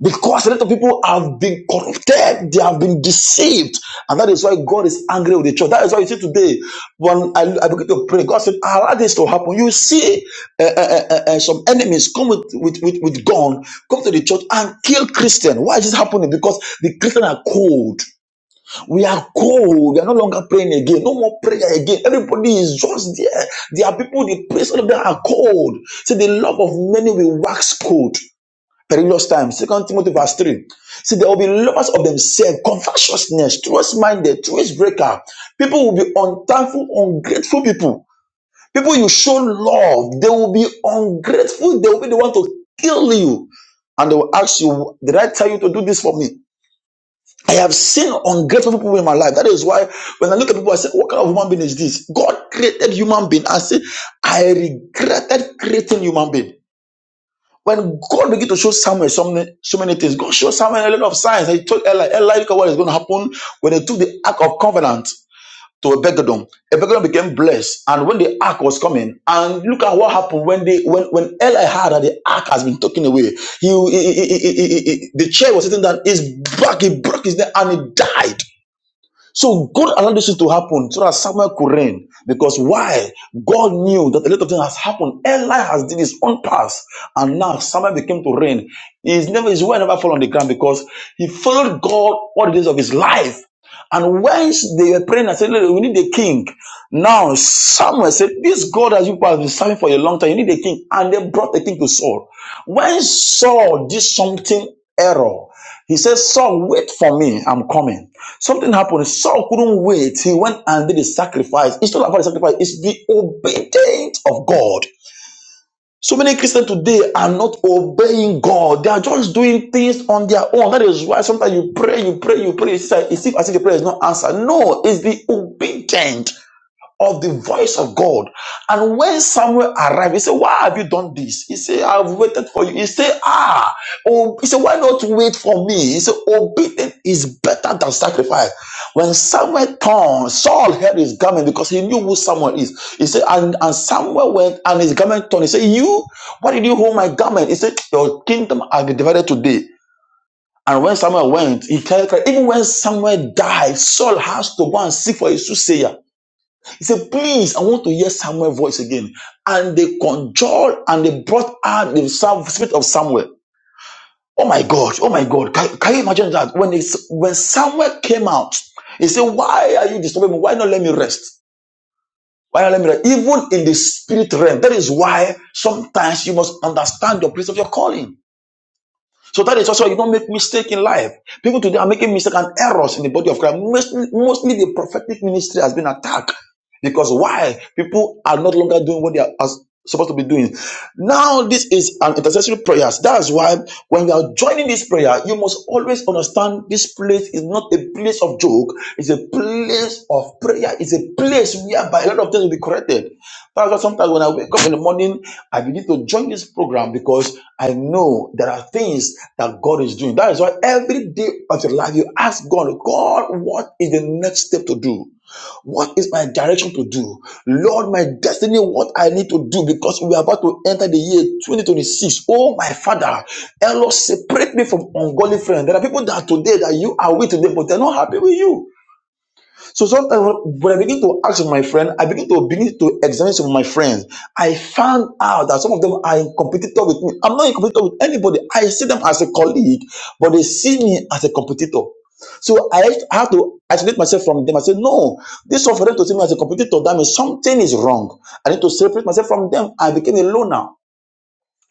[SPEAKER 3] because a lot of people have been corrupted, they have been deceived, and that is why God is angry with the church. That is why you see today, when I, I begin to pray, God said, "I "Allow this to happen." You see, uh, uh, uh, uh, some enemies come with with with, with gun, come to the church and kill Christian. Why is this happening? Because the Christians are cold. We are cold. We are no longer praying again. No more prayer again. Everybody is just there. There are people. The place of them are cold. See, the love of many will wax cold. Perilous times. Second Timothy verse 3. See, there will be lovers of themselves, covetousness, truth-minded, truth-breaker. People will be unthankful, ungrateful people. People you show love, they will be ungrateful. They will be the one to kill you. And they will ask you, did I tell you to do this for me? I have seen ungrateful people in my life. That is why when I look at people, I say, what kind of human being is this? God created human being. I say, I regretted creating human being. When God began to show Samuel so many, so many things, God showed Samuel a lot of signs. He told Eli, Eli, look at what is going to happen when they took the Ark of Covenant to Ebegedon. Ebegedon became blessed. And when the Ark was coming, and look at what happened when they when, when Eli heard that the Ark has been taken away. He, he- he- he- he- he- he- the chair was sitting down, his back, he broke his neck, and he died. So God allowed this to happen so that Samuel could reign. Because why? God knew that a lot of things has happened. Eli has did his own past, and now Samuel became to reign. His never his way never fell on the ground because he followed God all the days of his life. And whence they were praying and said, Look, we need a king. Now Samuel said, This God that you have been serving for a long time, you need a king. And they brought a king to Saul. When Saul did something error, he said, Saul, wait for me. I'm coming. Something happened. Saul couldn't wait. He went and did a sacrifice. It's not about the sacrifice, it's the obedience of God. So many Christians today are not obeying God. They are just doing things on their own. That is why sometimes you pray, you pray, you pray. It's like- it's if- as if the prayer is not answered. No, it's the obedient of the voice of God. And when Samuel arrived, he said, Why have you done this? He said, I've waited for you. He said, Ah, oh, he said, Why not wait for me? He said, Obedience is better than sacrifice. When Samuel turned, Saul held his garment because he knew who Samuel is. He said, And, and Samuel went and his garment turned. He said, You, why did you hold my garment? He said, Your kingdom has been divided today. And when Samuel went, he tell even when Samuel died, Saul has to go and seek for his soothsayer. He said, Please, I want to hear Samuel's voice again. And they conjured and they brought out the spirit of Samuel. Oh my God, oh my God. Can, can you imagine that? When, it's, when Samuel came out, he said, Why are you disturbing me? Why not let me rest? Why not let me rest? Even in the spirit realm, that is why sometimes you must understand your place of your calling. So that is also why you don't make mistake in life. People today are making mistakes and errors in the body of Christ. Mostly, mostly the prophetic ministry has been attacked. Because why? People are not longer doing what they are as- supposed to be doing. Now, this is an intercessory prayer. That's why when you are joining this prayer, you must always understand this place is not a place of joke, it's a place of prayer. It's a place whereby a lot of things will be corrected. That's why sometimes when I wake up in the morning, I begin to join this program because I know there are things that God is doing. That is why every day of your life you ask God, God, what is the next step to do? What is my direction to do? Lord, my destiny, what I need to do because we are about to enter the year 2026. Oh, my Father, Lord, separate me from ungodly friends. There are people that today that you are with today, but they're not happy with you. So sometimes when I begin to ask my friend, I begin to begin to examine some of my friends. I found out that some of them are in competitor with me. I'm not in competitor with anybody. I see them as a colleague, but they see me as a competitor. So I have to- I have to isolate myself from them. I say, no, this one for them to see me as a competitor, that means something is wrong. I need to separate myself from them. I became a loner.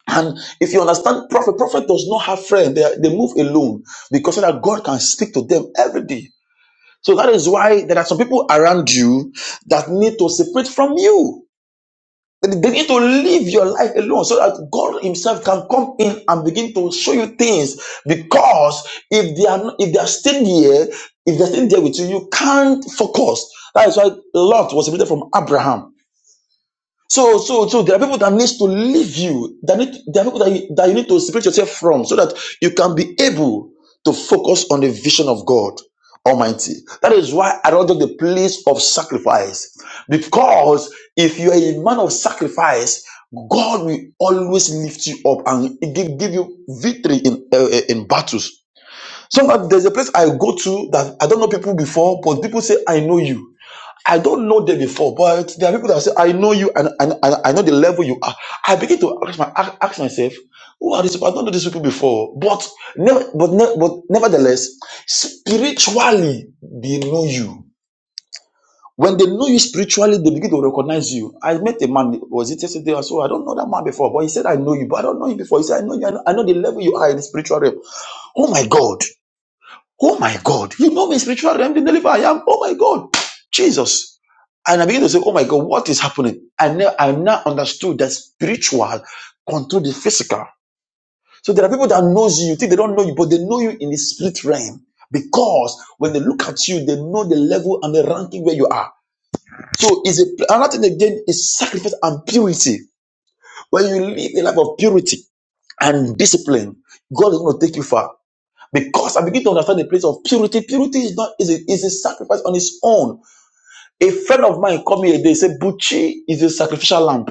[SPEAKER 3] And if you understand prophet, prophet does not have friends. They, are- they move alone because so that God can speak to them every day. So that is why there are some people around you that need to separate from you. They need to live your life alone so that God Himself can come in and begin to show you things. Because if they are not, if they are still there, if they're still there with you, you can't focus. That is why Lot was separated from Abraham. So, so, so there are people that needs to leave you. That need, there are people that you, that you need to separate yourself from, so that you can be able to focus on the vision of God Almighty. That is why I don't do the place of sacrifice, because if you are a man of sacrifice, God will always lift you up and give, give you victory in uh, uh, in battles. Sometimes there's a place I go to that I don't know people before, but people say, I know you. I don't know them before, but there are people that say, I know you and, and, and I know the level you are. I begin to ask, my, ask myself, who are these people? I don't know these people before. But, never, but, ne- but nevertheless, spiritually, they know you. When they know you spiritually, they begin to recognize you. I met a man, was it yesterday or so? I don't know that man before, but he said, I know you, but I don't know you before. He said, I know you, I know, I know the level you are in the spiritual realm. Oh my God. Oh my God, you know me spiritual realm, the deliverer I am. Oh my God, Jesus. And I begin to say, Oh my God, what is happening? I now I now understood that spiritual control the physical. So there are people that knows you, think they don't know you, but they know you in the spirit realm. Because when they look at you, they know the level and the ranking where you are. So is a, another thing again is sacrifice and purity. When you live a life of purity and discipline, God is going to take you far. Because I begin to understand the place of purity. Purity is not is a, is a sacrifice on its own. A friend of mine called me a day, said, Bucci is a sacrificial lamb.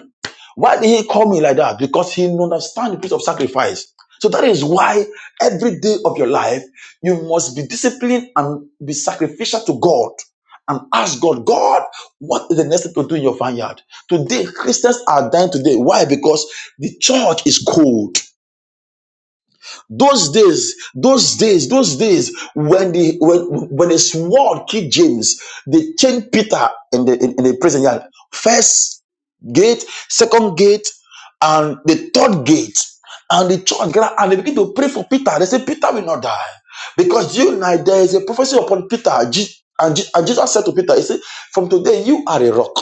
[SPEAKER 3] Why did he call me like that? Because he understands the place of sacrifice. So that is why every day of your life, you must be disciplined and be sacrificial to God and ask God, God, what is the next thing to do in your vineyard? Today, Christians are dying today. Why? Because the church is cold those days those days those days when the when when the sword killed james they chained peter in the in, in the prison yard first gate second gate and the third gate and the church gathered and they begin to pray for peter they say peter will not die because you and I, there is a prophecy upon peter Je- and, Je- and jesus said to peter he said from today you are a rock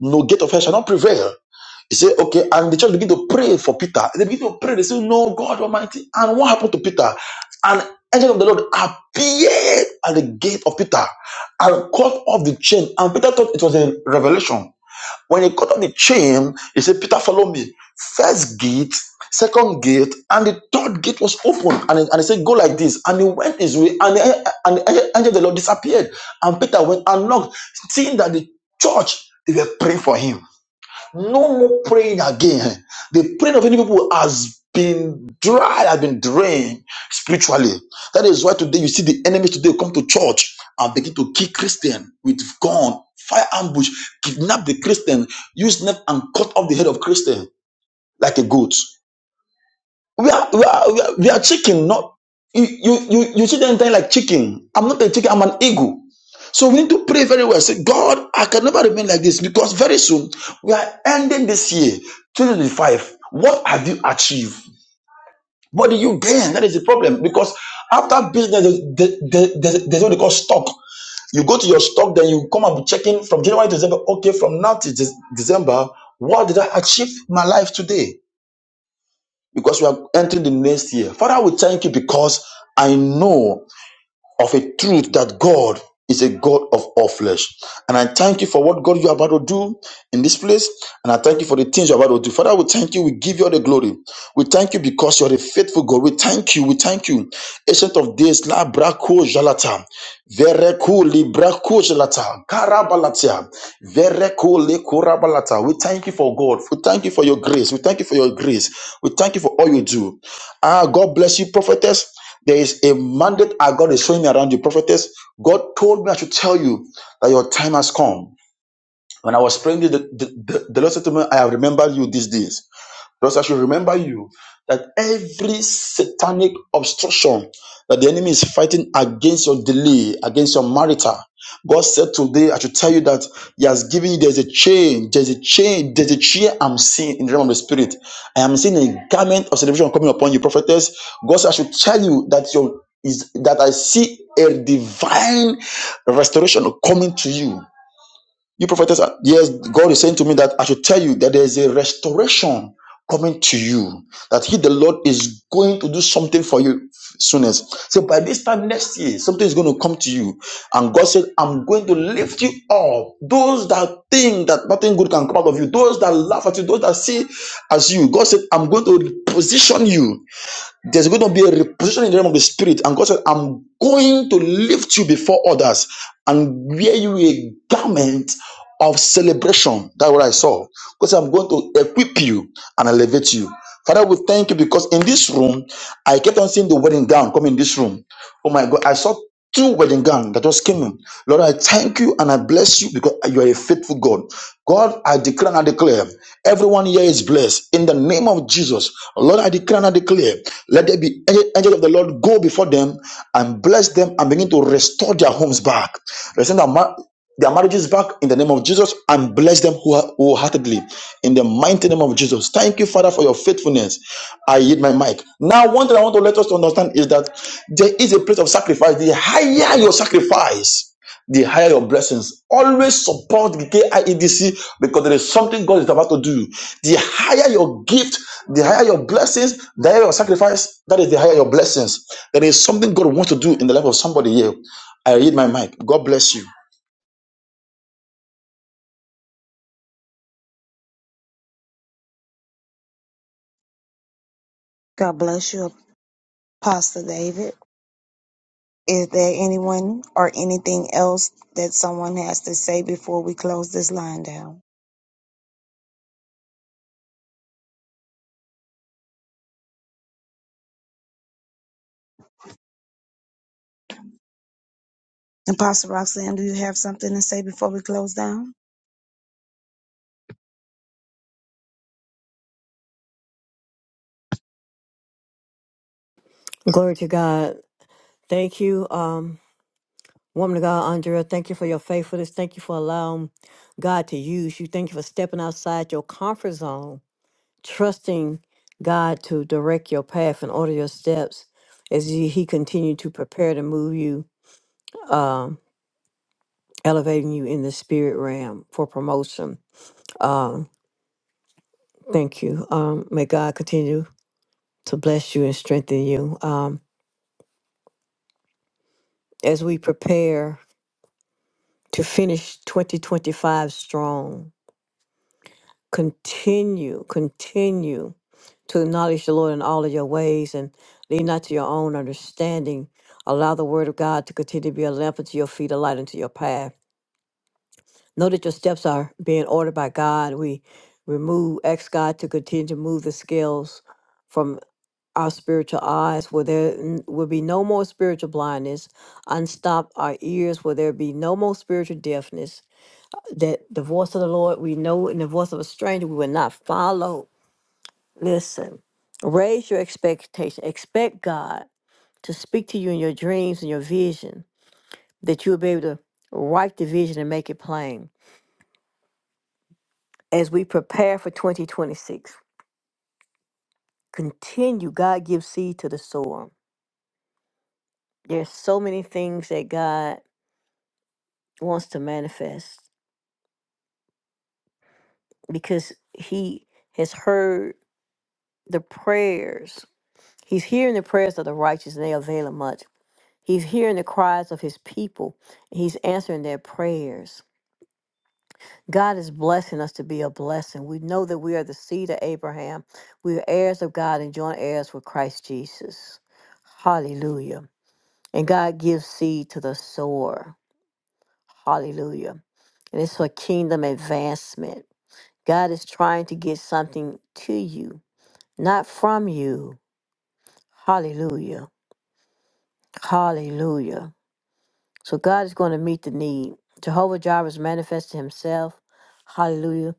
[SPEAKER 3] no gate of hell shall not prevail he said, okay, and the church began to pray for Peter. They began to pray. They said, no, God Almighty. And what happened to Peter? An angel of the Lord appeared at the gate of Peter and cut off the chain. And Peter thought it was a revelation. When he cut off the chain, he said, Peter, follow me. First gate, second gate, and the third gate was open. And, he- and he said, go like this. And he went his way, and the, and the angel angel of the Lord disappeared. And Peter went and knocked, seeing that the church, they were praying for him. No more praying again. The praying of any people has been dry, has been drained spiritually. That is why today you see the enemies today come to church and begin to kill Christian with gun, fire ambush, kidnap the Christian, use knife and cut off the head of Christian like a goat. We are, we are, we are, we are chicken, not you, you, you, you see the entire like chicken. I'm not a chicken, I'm an eagle. So we need to pray very well. Say, God, I can never remain like this because very soon we are ending this year, 2025. What have you achieved? What did you gain? That is the problem because after business, there's, there's, there's there's what they call stock. You go to your stock, then you come and be checking from January to December. Okay, from now to Dec- December, what did I achieve in my life today? because we are entering the next year. Father, we thank you because I know of a truth that God is a God of all flesh. And I thank you for what God you're about to do in this place. And I thank you for the things you're about to do. Father, we thank you. We give you all the glory. We thank you because you're a faithful God. We thank you. We thank you. Ancient of days, La Braco Jalata. Vereku Libraco Jalata. Karabalatia. Vereku Likorabalata. We thank you for God. We thank you for your grace. We thank you for your grace. We thank you for all you do. Ah, God bless you, prophetess. There is a mandate our God is showing me around you, prophetess. God told me I should tell you that your time has come. When I was praying, the, the, the, the Lord said to me, I have remembered you these days. Because I should remember you that every satanic obstruction that the enemy is fighting against your delay, against your marital, God said today, I should tell you that He has given you, there's a chain, there's a chain, there's a chair I'm seeing in the realm of the Spirit. I am seeing a garment of celebration coming upon you, prophetess. God said, I should tell you that your is that I see a divine restoration coming to you. You prophetess, uh, yes, God is saying to me that I should tell you that there is a restoration coming to you. That He, the Lord, is going to do something for you soonest. So by this time next year, something is going to come to you. And God said, I'm going to lift you up. Those that think that nothing good can come out of you, those that laugh at you, those that see as you, God said, I'm going to position you there's going to be a reposition in the realm of the spirit. And God said, I'm going to lift you before others and wear you a garment of celebration. That's what I saw. Because I'm going to equip you and elevate you. Father, we thank you because in this room, I kept on seeing the wedding gown come in this room. Oh my God, I saw two wedding gown that just came in. Lord, I thank you and I bless you because you are a faithful God. God, I declare and I declare, everyone here is blessed in the name of Jesus. Lord, I declare and I declare, let there be angel angel of the Lord go before them and bless them and begin to restore their homes back. Restore their, ma- their marriages back in the name of Jesus and bless them who- wholeheartedly in the mighty name of Jesus. Thank you, Father, for your faithfulness. I yield my mic. Now, one thing I want to let us to understand is that there is a place of sacrifice. The higher your sacrifice, the higher your blessings. Always support the KIEDC because there is something God is about to do. The higher your gift, the higher your blessings, the higher your sacrifice, that is the higher your blessings. There is something God wants to do in the life of somebody here. I read my mic. God bless you.
[SPEAKER 1] God bless you, Pastor David. Is there anyone or anything else that someone has to say before we close this line down? And Pastor Roxanne, do you have something to say before we close down?
[SPEAKER 2] Glory to God. Thank you, um, woman of God, Andrea. Thank you for your faithfulness. Thank you for allowing God to use you. Thank you for stepping outside your comfort zone, trusting God to direct your path and order your steps as He He continue to prepare to move you, um, elevating you in the spirit realm for promotion. Um, thank you. Um, may God continue to bless you and strengthen you um, as we prepare to finish 2025 strong. continue, continue to acknowledge the Lord in all of your ways and lean not to your own understanding. Allow the word of God to continue to be a lamp unto your feet, a light unto your path. Know that your steps are being ordered by God. We remove, ask God to continue to move the scales from our spiritual eyes where there n- will be no more spiritual blindness, unstop our ears where there be no more spiritual deafness. That the voice of the Lord we know, and the voice of a stranger we will not follow Listen, raise your expectation. Expect God to speak to you in your dreams and your vision, that you'll be able to write the vision and make it plain. As we prepare for 2026, continue. God gives seed to the sower. There's so many things that God wants to manifest because He has heard the prayers. He's hearing the prayers of the righteous, and they avail him much. He's hearing the cries of His people. He's answering their prayers God is blessing us to be a blessing. We know that we are the seed of Abraham. We are heirs of God and joint heirs with Christ Jesus. Hallelujah. And God gives seed to the sower. Hallelujah. And it's for kingdom advancement. God is trying to get something to you, not from you. Hallelujah. Hallelujah. So God is going to meet the need. Jehovah Jireh is manifesting himself. Hallelujah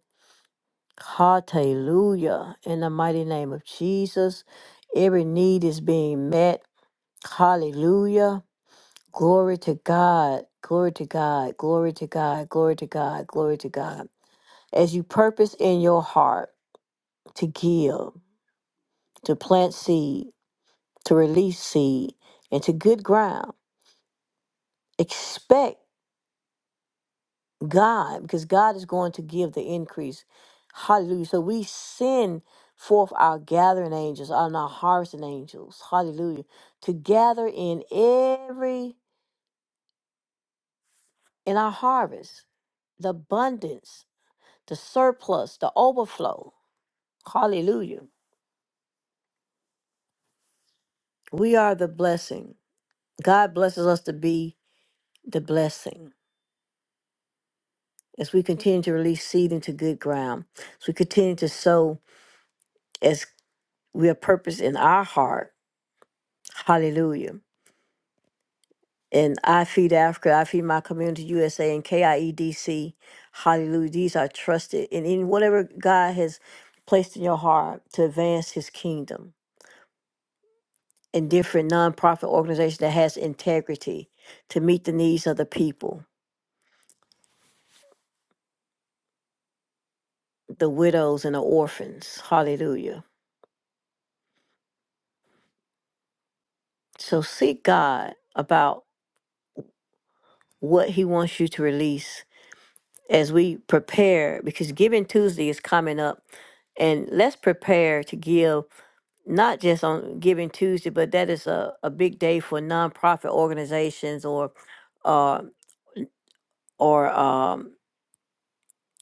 [SPEAKER 2] Hallelujah. In the mighty name of Jesus, every need is being met. Hallelujah. Glory to God. Glory to God. Glory to God. Glory to God. Glory to God. As you purpose in your heart to give, to plant seed, to release seed, and to good ground, expect. God, because God is going to give the increase. Hallelujah. So we send forth our gathering angels and our harvesting angels. Hallelujah. To gather in every in our harvest, the abundance, the surplus, the overflow. Hallelujah. We are the blessing. God blesses us to be the blessing as we continue to release seed into good ground. As we continue to sow as we have purpose in our heart. Hallelujah and I Feed Africa, I Feed My Community USA, and KIEDC. Hallelujah. These are trusted. And in whatever God has placed in your heart to advance his kingdom, and different nonprofit organizations that has integrity to meet the needs of the people, the widows and the orphans. Hallelujah. So seek God about what he wants you to release as we prepare, because Giving Tuesday is coming up. And let's prepare to give not just on Giving Tuesday, but that is a, a big day for nonprofit organizations or uh, or um,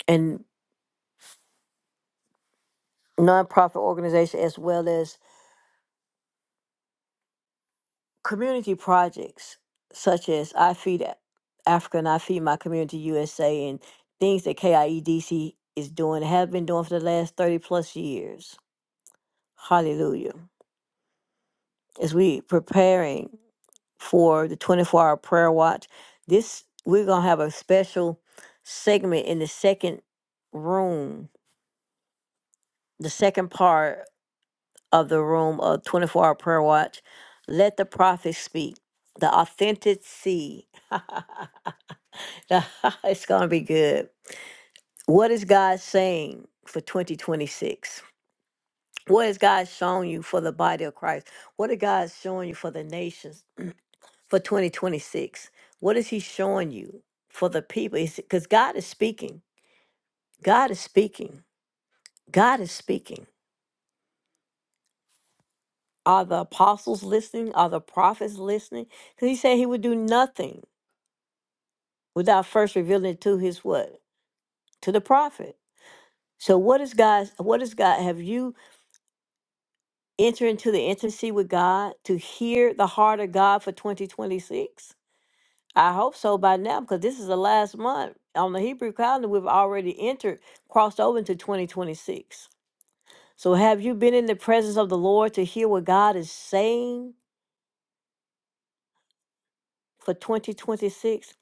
[SPEAKER 2] and nonprofit organizations as well as community projects such as I Feed A- Africa and I Feed My Community USA and things that KIEDC is doing have been doing for the last 30 plus years. Hallelujah. As we preparing for the 24 hour prayer watch. This we're gonna have a special segment in the second room, the second part of the room of 24 hour prayer watch. Let the prophet speak. The authenticity. seed. it's gonna be good. What is God saying for 2026? What has God shown you for the body of Christ? What is God showing you for the nations? for 2026? What is he showing you for the people? Because God is speaking. God is speaking. God is speaking. Are the apostles listening? Are the prophets listening? Because he said he would do nothing without first revealing it to his what? To the prophet. So what is God what is God have you entered into the intimacy with God to hear the heart of God for 2026? I hope so by now because this is the last month on the Hebrew calendar. We've already entered, crossed over into 2026. So, have you been in the presence of the Lord to hear what God is saying for 2026?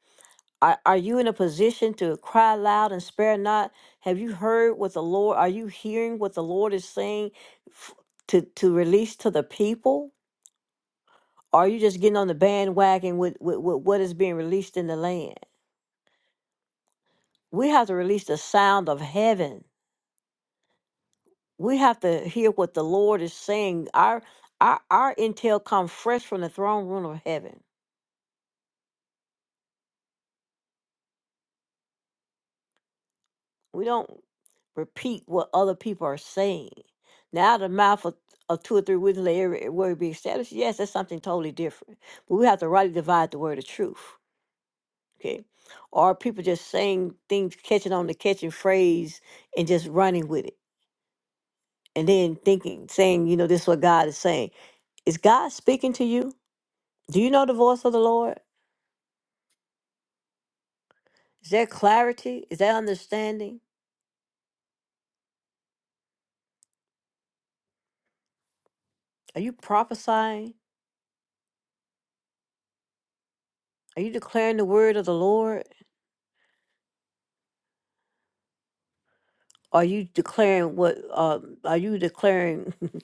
[SPEAKER 2] Are, are you in a position to cry loud and spare not? Have you heard what the Lord, are you hearing what the Lord is saying f- to, to release to the people? Or are you just getting on the bandwagon with, with, with what is being released in the land? We have to release the sound of heaven we have to hear what the Lord is saying. Our our our intel comes fresh from the throne room of heaven. We don't repeat what other people are saying. Now the mouth of, of two or three witnesses let every word be established. Yes, that's something totally different. But we have to rightly divide the word of truth. Okay. Or people just saying things, catching on the catching phrase and just running with it. And then thinking, saying, you know, this is what God is saying. Is God speaking to you? Do you know the voice of the Lord? Is that clarity? Is that understanding? Are you prophesying? Are you declaring the word of the Lord? Are you declaring what? Um, are you declaring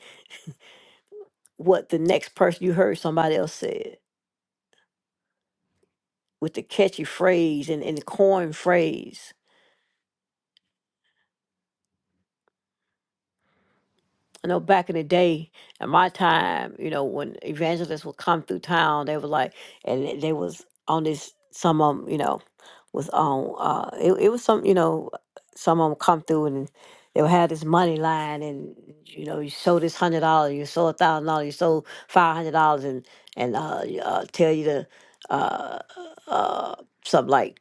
[SPEAKER 2] what the next person you heard somebody else said with the catchy phrase and, and the corn phrase? I know back in the day, at my time, you know, when evangelists would come through town, they were like, and they they was on this. Some of them, you know, was on. Uh, it, it was some, you know, some of them come through and they would have this money line, and you know, you sold this hundred dollars, you sold a thousand dollars, you sold five hundred dollars, and and uh, y- uh, tell you to uh, uh, something like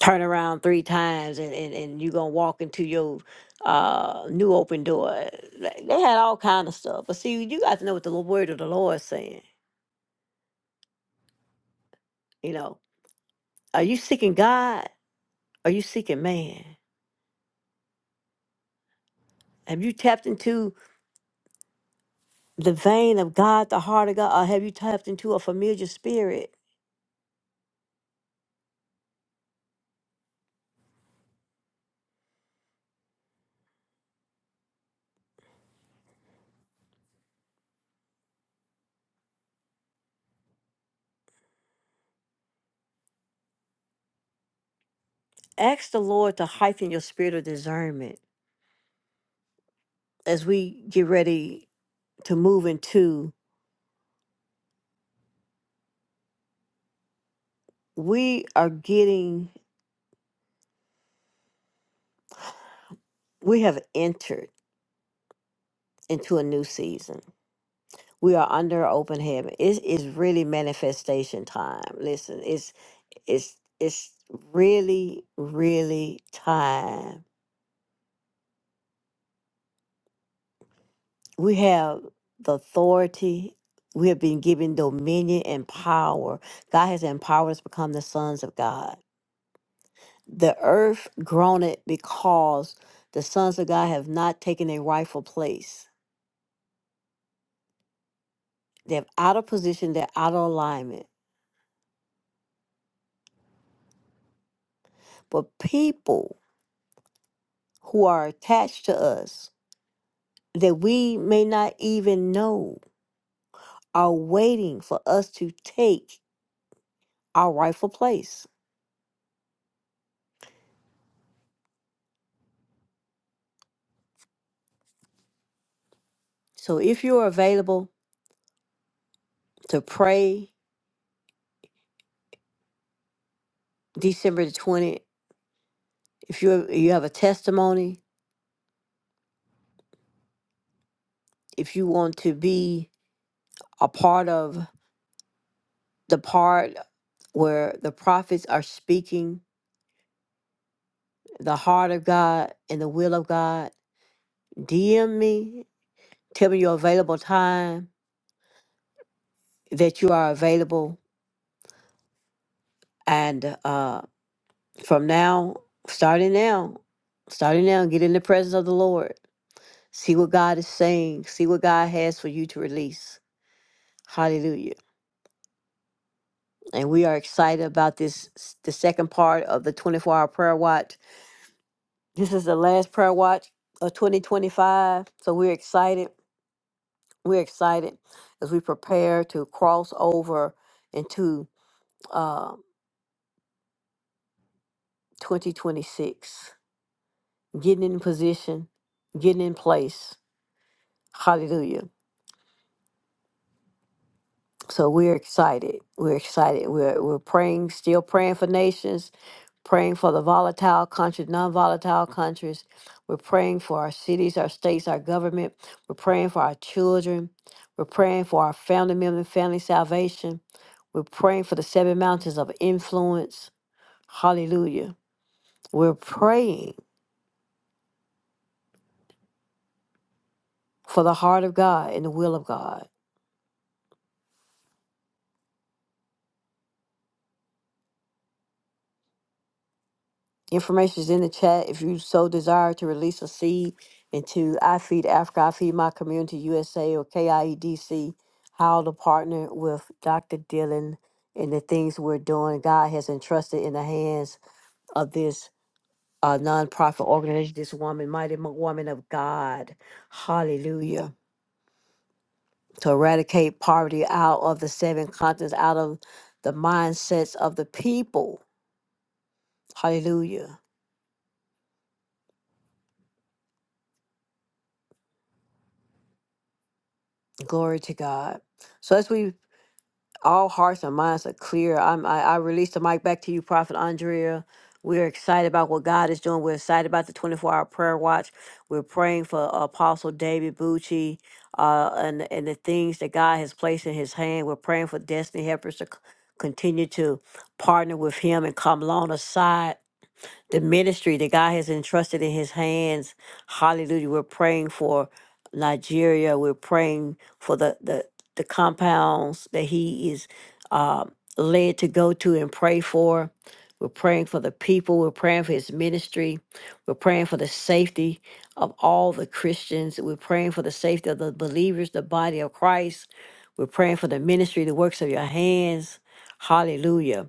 [SPEAKER 2] turn around three times and, and, and you're gonna walk into your uh new open door Like, they had all kind of stuff but see you got to know what the word of the lord is saying you know are you seeking god are you seeking man have you tapped into the vein of god the heart of god or have you tapped into a familiar spirit ask the lord to heighten your spirit of discernment as we get ready to move into we are getting we have entered into a new season we are under open heaven. It is really manifestation time. Listen, it's it's it's really really time. We have the authority. We have been given dominion and power. God has empowered us to become the sons of God. The earth groaneth because the sons of God have not taken their rightful place. They're out of position. They're out of alignment. But people who are attached to us that we may not even know are waiting for us to take our rightful place. So if you're available to pray December the 20th, if you you have a testimony, if you want to be a part of the part where the prophets are speaking the heart of God and the will of God, DM me, tell me your available time that you are available and uh From now, starting now, starting now, get in the presence of the Lord. See what God is saying. See what God has for you to release. Hallelujah. And we are excited about this, the second part of the 24 hour prayer watch. This is the last prayer watch of 2025. So we're excited. We're excited as we prepare to cross over into uh, 2026. Getting in position, getting in place. Hallelujah So we're excited. We're excited. We're we're praying, still praying for nations, praying for the volatile countries, non-volatile countries. We're praying for our cities, our states, our government. We're praying for our children. We're praying for our family members, family salvation. We're praying for the seven mountains of influence. Hallelujah. We're praying for the heart of God and the will of God. Information is in the chat. If you so desire to release a seed into I Feed Africa, I Feed My Community USA, or KIEDC, how to partner with Dr. Dillon and the things we're doing. God has entrusted in the hands of this uh, nonprofit organization, this woman, mighty mo- woman of God. Hallelujah. To eradicate poverty out of the seven continents, out of the mindsets of the people. Hallelujah. Glory to God. So as we all hearts and minds are clear. I'm, I, I release the mic back to you, Prophet Andrea. We're excited about what God is doing. We're excited about the 24 hour prayer watch. We're praying for Apostle David Bucci uh, and, and the things that God has placed in his hand. We're praying for Destiny Helpers to c- continue to partner with him and come alongside the ministry that God has entrusted in his hands. Hallelujah. We're praying for Nigeria. We're praying for the, the, the compounds that he is uh, led to go to and pray for. We're praying for the people. We're praying for his ministry. We're praying for the safety of all the Christians. We're praying for the safety of the believers, the body of Christ. We're praying for the ministry, the works of your hands. Hallelujah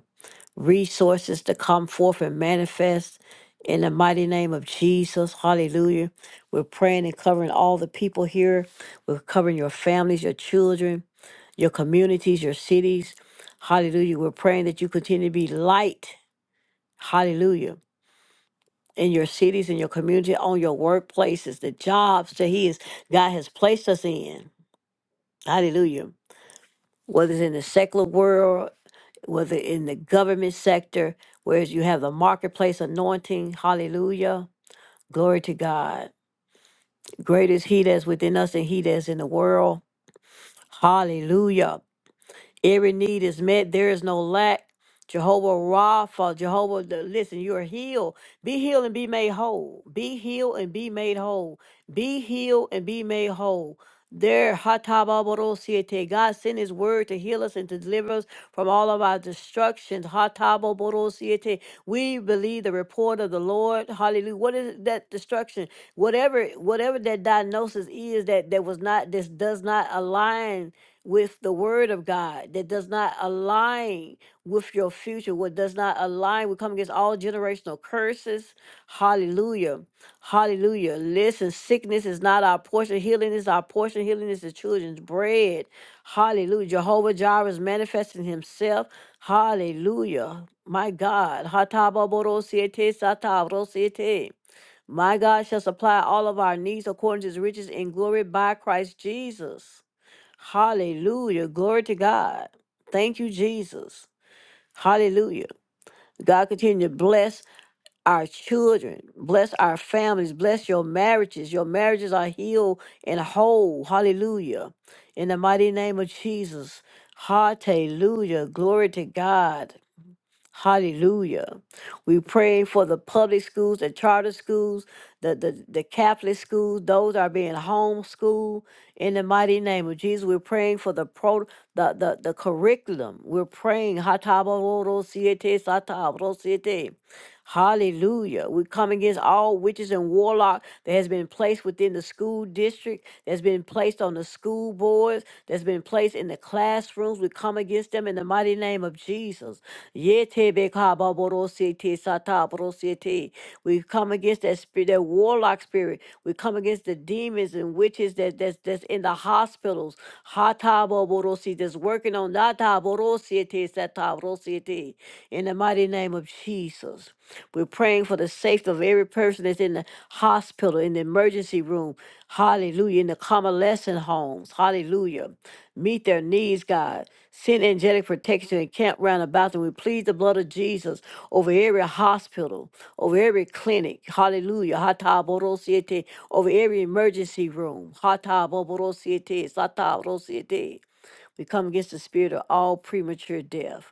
[SPEAKER 2] resources to come forth and manifest in the mighty name of Jesus. Hallelujah. We're praying and covering all the people here. We're covering your families, your children, your communities, your cities. Hallelujah. We're praying that you continue to be light. Hallelujah. In your cities, in your community, on your workplaces, the jobs that He is God has placed us in. Hallelujah. Whether it's in the secular world whether in the government sector, whereas you have the marketplace anointing. Hallelujah. Glory to God. Great is He that's within us than He that's in the world. Hallelujah. Every need is met. There is no lack. Jehovah Rapha, Jehovah, the- listen, you are healed. Be healed and be made whole. Be healed and be made whole. Be healed and be made whole. There, Hatababorosiete, God sent His word to heal us and to deliver us from all of our destructions. Hatababorosiete. We believe the report of the Lord. Hallelujah. What is that destruction? Whatever, whatever that diagnosis is that that was not, this does not align with the word of God that does not align with your future, what does not align. We come against all generational curses. Hallelujah. Hallelujah. Listen, sickness is not our portion. Healing is our portion. Healing is the children's bread. Hallelujah. Jehovah Jireh is manifesting himself. Hallelujah. My God. Hatababorosiete satabrosiete. My God shall supply all of our needs according to his riches in glory by Christ Jesus. Hallelujah. Glory to God. Thank you, Jesus. Hallelujah. God continue to bless our children, bless our families, bless your marriages. Your marriages are healed and whole. Hallelujah. In the mighty name of Jesus. Hallelujah. Glory to God. Hallelujah. We pray for the public schools, the charter schools, the, the, the Catholic schools, those are being homeschooled in the mighty name of Jesus. We're praying for the pro the, the, the curriculum. We're praying. Hatabarosiete, satabarosiete. Hallelujah. We come against all witches and warlock that has been placed within the school district, that's been placed on the school boards, that's been placed in the classrooms. We come against them in the mighty name of Jesus. Yetebekababorosete satabrosete. We come against that spirit, that warlock spirit. We come against the demons and witches that, that's that's in the hospitals. Hataborosete, That's working on that Rosiete, In the mighty name of Jesus, we're praying for the safety of every person that's in the hospital, in the emergency room. Hallelujah. In the convalescent homes. Hallelujah. Meet their needs, God. Send angelic protection and camp round about them. We plead the blood of Jesus over every hospital, over every clinic. Hallelujah. Hata Borosiete. Over every emergency room. Hata Borosiete. Sata Borosiete. We come against the spirit of all premature death.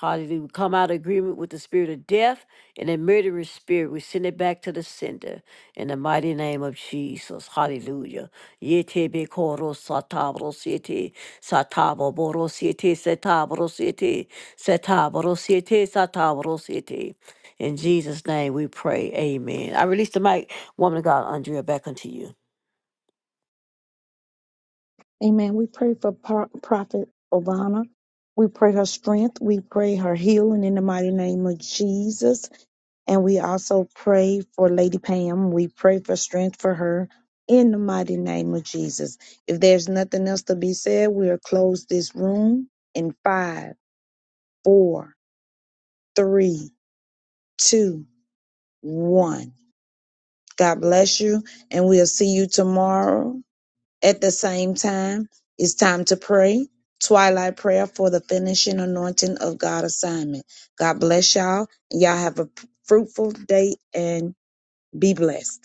[SPEAKER 2] Hallelujah. We come out of agreement with the spirit of death and the murderous spirit. We send it back to the sender in the mighty name of Jesus. Hallelujah. Yete be koro satabro siete, satabro boro siete, setabro siete, setabro siete, satabro siete. In Jesus' name we pray. Amen. I release the mic, woman of God, Andrea, back unto you.
[SPEAKER 1] Amen. We pray for Pro- Prophet Obama. We pray her strength. We pray her healing in the mighty name of Jesus. And we also pray for Lady Payne. We pray for strength for her in the mighty Jesus. If there's nothing else to be said, we'll close this room in five, four, three, two, one. God bless you, and we'll see you tomorrow at time. It's time to pray. Twilight prayer for the finishing anointing of God assignment. God bless y'all. Y'all have a p- fruitful day and be blessed.